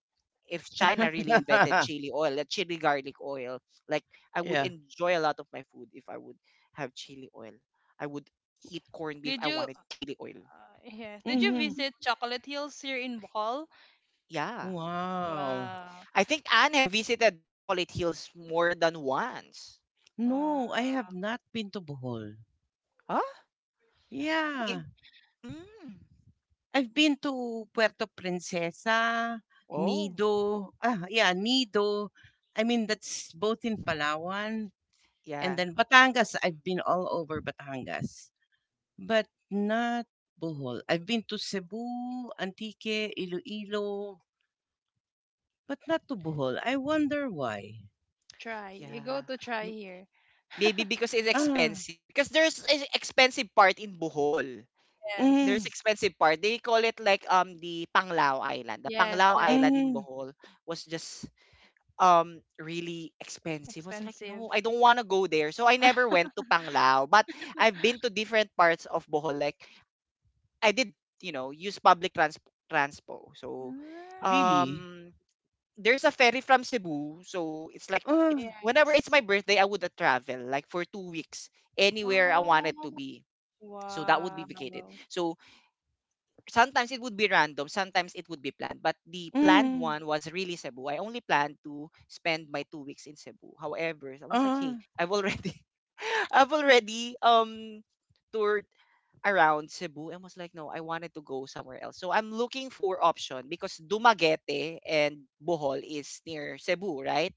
A: If China really invented
B: *laughs*
A: chili oil, the chili garlic oil, like I would
B: Yeah.
A: enjoy a lot of my food if I would have chili oil. I would eat corned beef.
C: Did
A: I
C: you
A: wanted chili oil.
C: Yeah. Did you
B: Mhm.
C: visit Chocolate Hills here in Bohol?
A: Yeah.
B: Wow.
C: Wow.
A: I think Anne have visited Chocolate Hills more than once.
B: No, I have
C: Wow.
B: not been to Bohol.
A: Huh? It,
B: Yeah.
A: mm.
B: I've been to Puerto Princesa,
A: Oh.
B: Nido. Ah, yeah, Nido. I mean, that's both in Palawan and
A: Yeah.
B: then Batangas. I've been all over Batangas. But not Bohol. I've been to Cebu, Antique, Iloilo, but not to Bohol. I wonder why.
C: Try. You go
A: Yeah.
C: to try here.
A: Maybe
C: *laughs*
A: because it's
B: Ah,
A: expensive. Because there's an expensive part in Bohol. There's
B: mm,
C: Yes.
A: expensive part. They call it like the Panglao Island. The
C: Yes,
A: Panglao
C: that
A: Island in
B: mm,
A: Bohol was just really expensive. I was like,
C: expensive.
A: no, I don't want to go there. So I never
C: *laughs*
A: went to Panglao. But I've been to different parts of Bohol. Like I did, use public transpo. So
C: Mm,
B: really?
A: um there's a ferry from Cebu, so it's like
B: Ah,
A: it's whenever it's
C: yes.
A: my birthday, I would travel like for 2 weeks anywhere I wanted to
C: Oh,
A: be. So that would be
C: wow.
A: vacated. So sometimes it would be random, sometimes it would be planned. But the planned
B: mm,
A: one was really Cebu. I only planned to spend my 2 weeks in Cebu. However, I was like, hey,
B: ah,
A: I've already, *laughs* I've already tour around Cebu and was like, no, I wanted to go somewhere else. So I'm looking for option because Dumaguete and Bohol is near Cebu, right?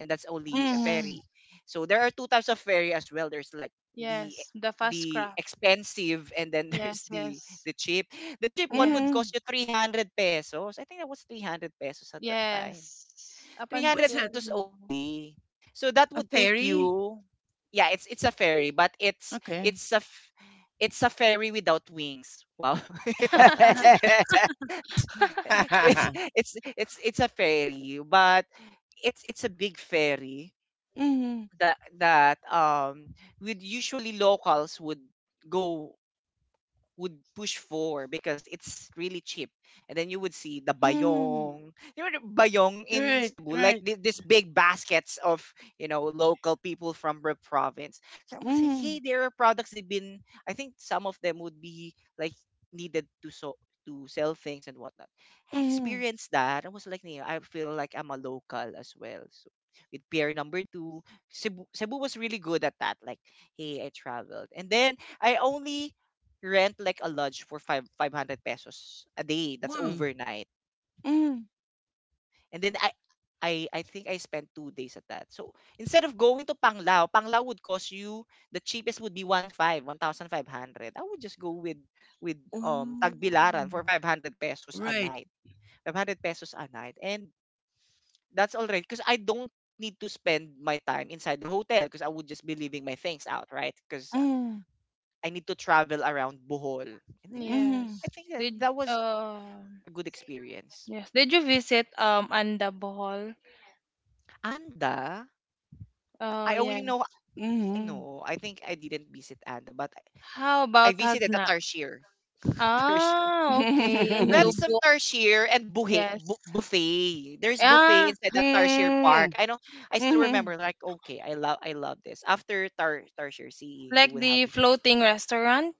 A: And that's only a
C: Yes.
B: mm,
A: ferry. So there are two types of ferry as well. There's like the
C: Yes, the fast
A: the
C: craft.
A: expensive and then *laughs* there's
C: Yes,
A: the
C: yes.
A: the cheap. The cheap one would
B: mm.
C: Yes.
A: cost you 300 pesos. I think that was 300 pesos at that time.
C: Yes. Up
B: What's
A: 300
C: until
B: that?
A: pesos
C: now.
A: only. So that
B: A
A: would take
B: ferry?
A: you, yeah, it's a ferry, but it's
B: Okay.
A: it's it's a ferry without wings. Wow.
B: *laughs*
A: *laughs*
C: *laughs*
A: So it's a ferry, but it's a big ferry
B: Mm,
A: that with usually locals would go would push for because it's really cheap. And then you would see the
B: mm.
A: bayong. You know the bayong in
B: Right,
A: Cebu, like
B: right.
A: this big baskets of, local people from the province. So I was like,
B: Mm,
A: hey, there are products they've been, I think some of them would be like needed to so to sell things and whatnot. I
B: mm.
A: experienced that. I was like, "Nia, I feel like I'm a local as well. So with pair number two, Cebu was really good at that. Like, hey, I traveled. And then I only rent like a lodge for five hundred pesos a day. That's
B: Wow.
A: overnight.
B: Mm.
A: And then I think I spent 2 days at that. So instead of going to Panglao, Panglao would cost you the cheapest would be 1,500. I would just go with
B: Oh,
A: Tagbilaran for 500 pesos a
B: right.
A: night. 500 pesos a night. And that's all right. Because I don't need to spend my time inside the hotel because I would just be leaving my things out, right? Because
B: Mm,
A: I need to travel around Bohol. And then
B: mm.
A: I
C: Yes.
A: think
C: Did
A: that was a good experience.
C: Yes, did you visit Anda Bohol?
A: Anda,
C: Oh,
A: I only
C: yes.
A: know, I
B: Mhm.
A: know, I think I didn't visit Anda, but
C: How
A: I
C: about
A: visited a
C: Hagna?
A: Tarshir. Tarshir. *laughs*
C: Ah, okay, in
A: We have
B: *laughs*
A: some
C: Lubuk.
A: Tarshir and
C: Yes.
A: buffet. There's buffet
C: Ah,
A: inside the Tarshir Park.
B: Mm,
A: I know, I still
B: mhm.
A: remember, like, okay, I love this. After Tarshir Sea, you
C: like
A: would have,
C: the floating restaurant?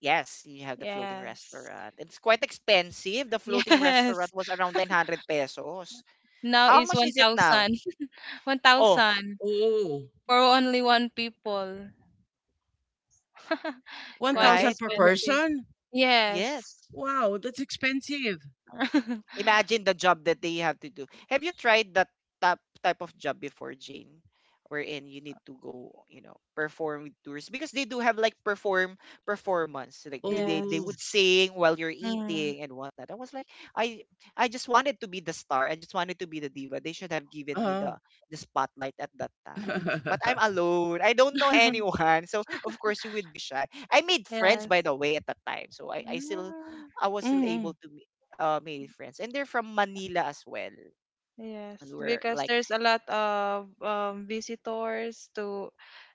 A: yes, you have the floating
C: Yes.
A: restaurant. It's quite expensive. The floating restaurant
C: Yes. *laughs*
A: was around 900 pesos.
C: Now
A: How
C: is
A: much is it now?
C: 1,000.
A: Oh,
C: 1,000
B: Oh,
C: *laughs* for only one people. *laughs* Quite
A: right?
B: 1,000 per
C: expensive.
B: person?
C: Yes.
A: Yes.
B: Wow, that's expensive.
C: *laughs*
A: Imagine the job that they have to do. Have you tried that type of job before, Jane? Wherein you need to go, perform with tourists because they do have like performance. Like they
B: Oh,
A: would
C: Yes.
A: sing while you're
C: Mm.
A: eating and whatnot. I was like, I just wanted to be the star. I just wanted to be the diva. They should have given me
B: uh
A: the spotlight at that time. But I'm
B: *laughs*
A: alone. I don't know
C: *laughs*
A: anyone. So of course you would be shy. I made friends by
C: Yes.
A: the way at that time. So
C: Mm.
A: I was still able
B: Mhm.
A: to male friends, and they're from Manila as well.
C: Yes,
A: And we're
C: because
A: like,
C: there's a lot of visitors to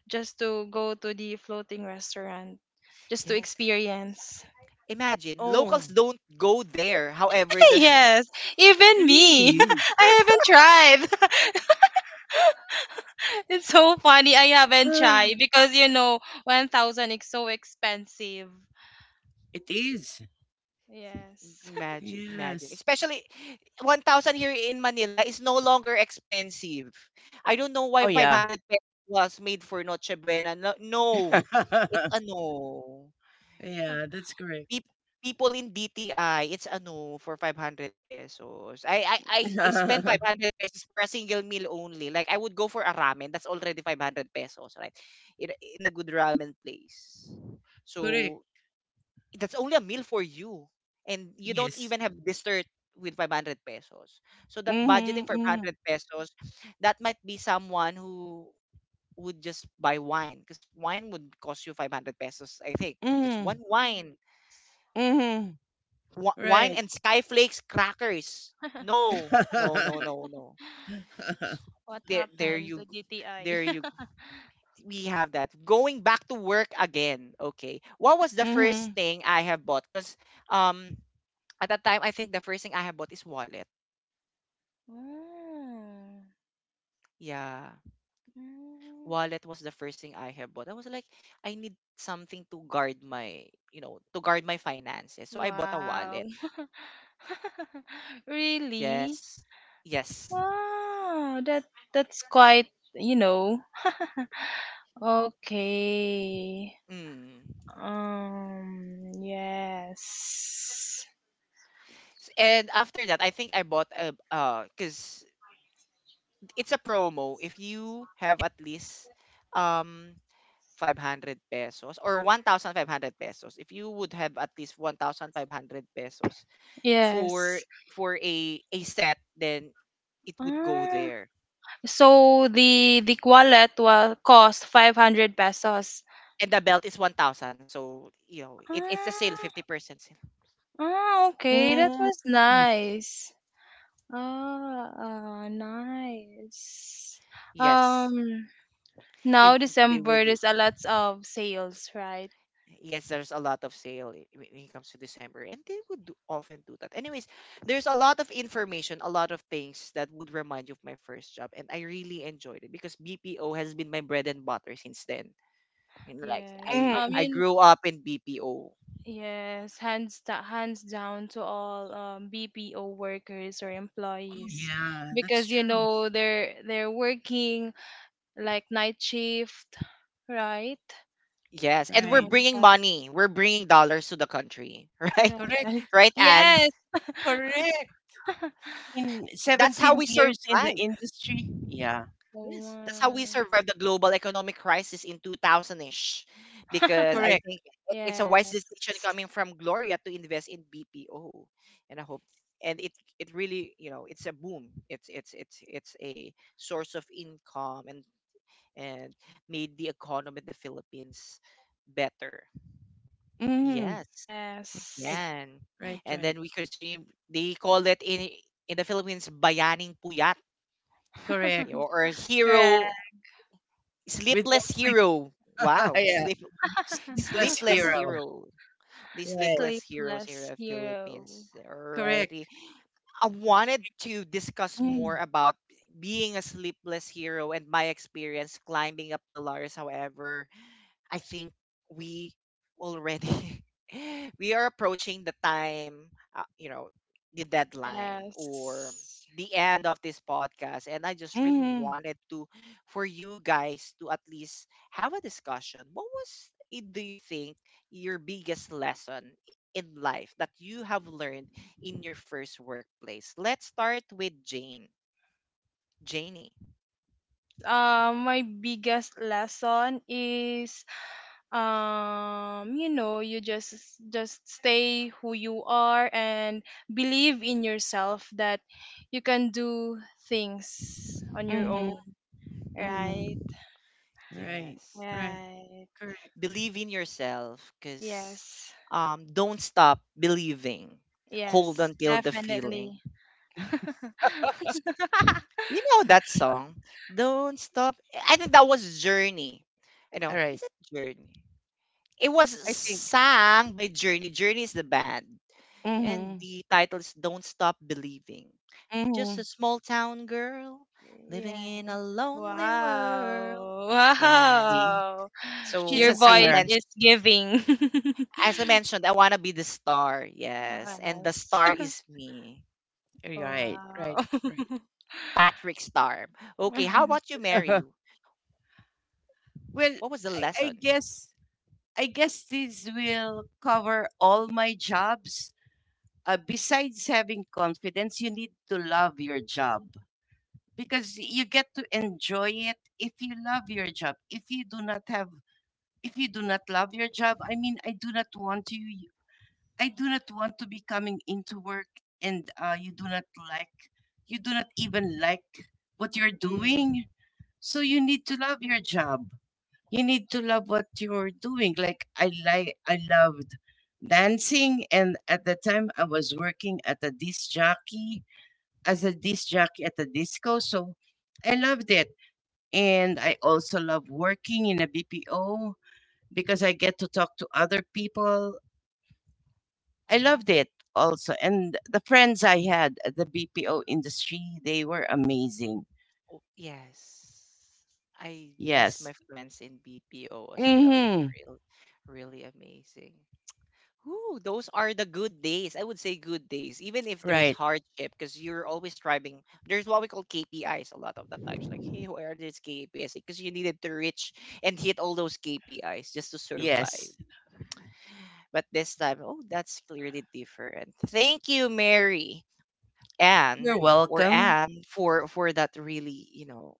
C: just to go to the floating restaurant, just to
A: yes.
C: experience. *laughs*
A: Imagine locals
B: Oh,
A: don't go there. However, the
C: Yes, even me.
B: really?
C: *laughs* I haven't tried. *laughs* It's so funny. I haven't
B: Ah,
C: tried because 1,000 is so expensive.
B: it is.
A: *laughs*
C: Yes.
A: imagine, imagine,
B: Yes.
A: especially 1,000 here in Manila is no longer expensive. I don't know why
B: Oh, yeah.
A: 500 pesos was made for Noche Buena. No, no. It's a
B: *laughs*
A: no.
B: Yeah, that's correct.
A: peop- People in DTI, it's ano, for 500 pesos. I spend
B: *laughs*
A: 500 pesos for a single meal only. Like, I would go for a ramen. That's already 500 pesos, right? In, in a good ramen place.
B: Correct.
A: So, that's only a meal for you. And you don't
B: Yes.
A: even have dessert with 500 pesos. So, that budgeting
B: Mhm.
A: for
B: Mhm.
A: 500 pesos, that might be someone who would just buy wine. Because wine would cost you 500 pesos, I think. Just one
B: Mhm.
C: *laughs*
B: Mhm.
A: Wine
B: Right.
A: and skyflakes crackers. No, no, no,
B: *laughs*
A: no, no. S-
C: What
A: There, there
C: happened to
A: you,
C: DTI?
A: there you.
C: *laughs*
A: We have that. Going back to work again. Okay. What was the first
B: Mhm.
A: thing I have bought? Because um at that time I think the first thing I have bought is wallet.
C: Ah,
A: Yeah,
C: mm. Mm.
A: wallet was the first thing I have bought. I was like, I need something to guard my, to guard my finances. So I bought a wallet.
C: Wow. *laughs* Really?
A: Yes, yes.
B: Janie,
C: Wow,
B: can you
C: that
B: hear
C: that's
B: me?
C: quite, you know. *laughs*
B: Hello?
C: Okay.
A: Mm.
B: Hello?
C: Um, yes.
B: Janie?
A: And after that, I think I bought a because it's a promo. If you have at least um 500 pesos or 1,500 pesos, if you would have at least 1,500 pesos for
C: Yes.
A: for a set, then it would go
C: Ah,
A: there.
C: so the wallet will cost 500 pesos.
A: And the belt is 1,000, so you know it's a sale,
C: Ah,
A: 50% sale.
C: ah, okay, that
B: Mm,
C: was nice. Ah, nice.
A: Yes,
C: Um, Now
A: they
C: December
A: would do.
C: there's a lot of sales, right?
A: Yes, there's a lot of sale when it comes to December, and they would do, often do that. Anyways, there's a lot of information, a lot of things that would remind you of my first job, and I really enjoyed it because BPO has been my bread and butter since then. You know, like
C: Yes.
A: I
B: mm.
A: I grew up in BPO.
C: Yes, hands down to all BPO workers or
B: Oh,
C: employees,
B: yeah, that's
C: because
B: true.
C: they're working like night shift, right?
A: Yes, and we're
B: Right.
C: My
A: bringing
C: God.
A: money, we're bringing dollars to the country, *laughs* right?
C: Yeah.
B: Correct.
C: night-
A: Right, Anne?
C: Yes. *laughs*
B: Correct. I mean,
A: That's how
B: 17
A: we
B: years in the
A: survive.
B: industry. Yeah.
C: Oh,
A: Yes, that's how we
C: wow.
A: survived the global economic crisis in 2000-ish because
C: *laughs*
A: I
B: Correct.
A: think it's a wise
C: Yes.
A: decision coming from Gloria to invest in BPO and I hope and it really, it's a boom. It's a source of income and made the economy of the Philippines better.
B: Mm-hmm.
A: Yes.
C: Yes.
B: Right,
A: Yeah.
B: right,
A: And
B: right.
A: then we continue they call it in the Philippines bayaning puyat,
B: Correct.
C: *laughs*
A: or
C: Correct.
A: hero
B: With no
A: Sleepless
B: sleep.
A: Hero.
B: *laughs*
A: Wow,
B: Yeah. Sleepless
A: Sleepless
C: *laughs*
B: hero.
A: Hero. The
B: Right.
A: Sleepless Heroes here
C: Sleepless
A: of
C: hero.
A: Philippines.
B: Correct.
A: Alrighty. I wanted to discuss
B: Mm,
A: more about being a sleepless hero and my experience climbing up the ladders. However, I think we already *laughs* we are approaching the time, the deadline or
C: Yes.
A: the end of this podcast and I just really
B: mm-hmm.
A: wanted to for you guys to at least have a discussion. What was do you think your biggest lesson in life that you have learned in your first workplace? Let's start with Jane. Janie.
C: Yes. My biggest lesson is, you just stay who you are and believe in yourself that you can do things on your
B: Mm-hmm.
C: own,
B: Mm-hmm.
C: right?
B: Right,
A: Yes.
B: right.
C: Right.
B: Correct.
A: Believe in yourself, because
C: Yes.
A: don't stop believing, hold
C: Yes,
A: until the feeling.
C: definitely.
A: S-
C: *laughs*
A: you know that song? Don't stop, I think that was Journey. You
B: All
A: know,
B: right.
A: is it Journey? It was
B: I think.
A: sung by Journey. Journey is the band,
B: Mm-hmm.
A: and the title is Don't Stop Believing. Just
B: Mhm.
A: a small town girl living
C: Yes.
A: in a lonely world.
C: Wow.
A: Yes.
B: See,
C: Wow.
B: she's
C: Your
B: a
A: So
C: voice
B: singer.
C: is giving.
A: as I
C: *laughs*
A: mentioned, I wanna be the star. Yes. And the
C: Yes.
A: star is
C: *laughs*
A: me.
B: Right, right,
C: Wow.
B: right.
A: Patrick Star. Okay, how about
C: *laughs*
A: you, Mary?
B: *laughs* Well,
A: What was the
B: I
A: lesson?
B: guess I guess this will cover all my jobs. Besides having confidence, you need to love your job because you get to enjoy it if you love your job. If you do not love your job, I mean, I do not want you. I do not want to be coming into work and you do not even like what you're doing.
A: Mm-hmm.
B: So you need to love your job. You need to love what you're doing. I loved dancing, and at the time I was working at the disc jockey as a disc jockey at the disco. So I loved it, and I also love working in a BPO because I get to talk to other people I
A: Mm-hmm.
B: loved it also. And the friends I had at the BPO industry, they were amazing.
A: Oh, yes. I miss
B: Yes.
A: my friends in BPO as well. It's
B: Mm-hmm.
A: really amazing. Ooh, those are the good days. I would say good days, even if there
B: Right.
A: is hardship, because you're always striving. There's what we call KPIs a lot of the times, like, hey, where are these KPIs? Because you needed to reach and hit all those KPIs just to
B: Yes.
A: survive. But this time, oh, that's clearly different. Thank you, Mary,
B: You're
A: Anne, or
B: welcome.
A: Anne, for that really,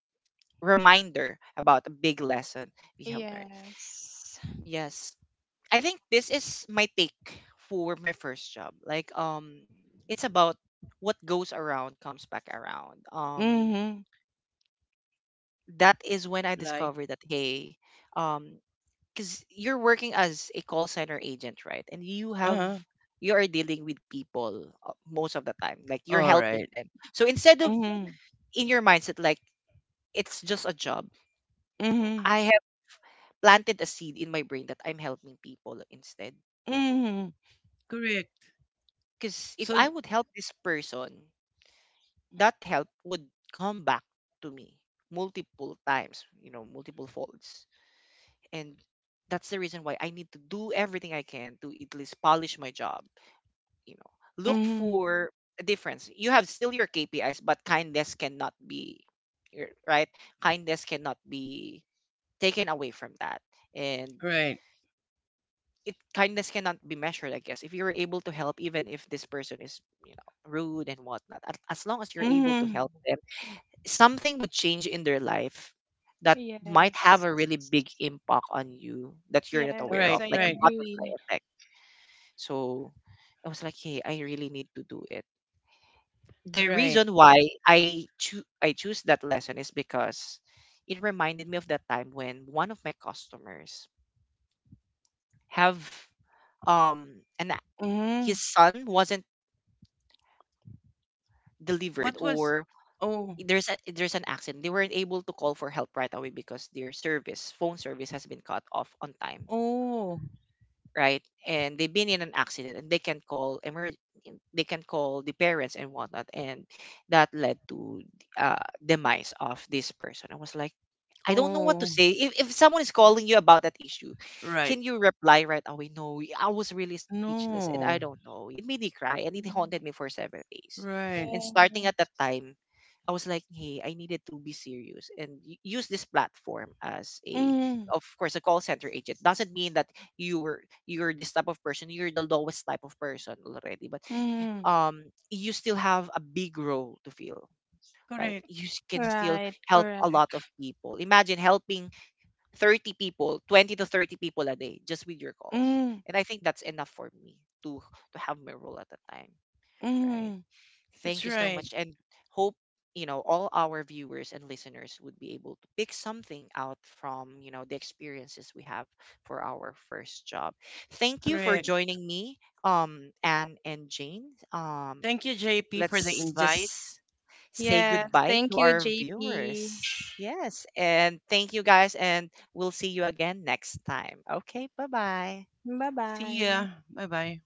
A: reminder about a big lesson we have learned.
C: Yes.
A: Yes. I think this is my take for my first job. Like it's about what goes around comes back around.
B: Mm-hmm.
A: That is when I
B: Like,
A: discovered that hey, um cuz you're working as a call center agent, right? And
B: uh-huh.
A: you are dealing with people most of the time. Like you're
B: All right.
A: helping them. So instead of
B: Mm-hmm.
A: in your mindset like it's just a job,
B: Mm-hmm.
A: I have planted a seed in my brain that I'm helping people instead.
B: Mm-hmm. Correct.
A: Because
B: So
A: if I
B: y-
A: would help this person that help would come back to me multiple times, multiple folds. And that's the reason why I need to do everything I can to at least polish my job, you know. Look
B: mm-hmm.
A: for a difference. You have still your KPIs, but kindness cannot be right? Kindness cannot be taken away from that. And
B: Right.
A: it kindness cannot be measured, I guess. If you're able to help, even if this person is, rude and whatnot, as long as you're able
B: Mm-hmm.
A: to help them something would change in their life that might have
C: Yes.
A: a really big impact on you that you're not
B: Right,
A: aware
C: Yes,
A: of,
C: I
A: like
B: right,
A: a butterfly
C: agree.
A: effect. So I was like, hey, I really need to do it. The
B: right.
A: reason why I choose that lesson is because it reminded me of the time when one of my customers have and
B: Mm-hmm.
A: his son wasn't
B: What
A: delivered
B: was
A: or
B: oh
A: there's an accident. They weren't able to call for help right away because phone service has been cut off on time.
B: oh
A: Right? And they've been in an accident and they can call the parents and whatnot, and that led to uh, demise of this person. I was like I don't know what
B: oh
A: to say. If someone is calling you about that issue,
B: right.
A: can you reply right away? No, I was really speechless and
B: No.
A: I don't know. It made me cry and it
C: Um,
A: haunted me for 7 days.
B: Right.
A: And starting at
C: Yes.
A: that time, I was like, hey, I needed to be serious and use this platform as a, of course, a call center agent. Doesn't mean that you're this type of person. You're the lowest type of person already, but
B: Mm,
A: you still have a big role to fill, right?
B: correct.
A: You can still
C: Right,
A: help a lot of
C: correct.
A: people. Imagine helping 30 people, 20 to 30 people a day just with your calls.
B: Mm,
A: And I think that's enough for me to to have my role at a time,
B: mm,
A: right?
B: that's
A: Thank you so
B: right.
A: much and hope all our viewers and listeners would be able to pick something out from the experiences we have for our first job. Thank you
B: Correct.
A: for joining me, Anne and Jane. um
B: Thank you, JP, for the
A: let's
B: invite.
A: just say
C: Yes,
A: goodbye
C: thank
A: to
C: you,
A: our
C: JP.
A: viewers. Yes. And thank you guys. And we'll see you again next time. Okay. Bye bye.
B: See ya.
C: Bye-bye.
B: Bye bye.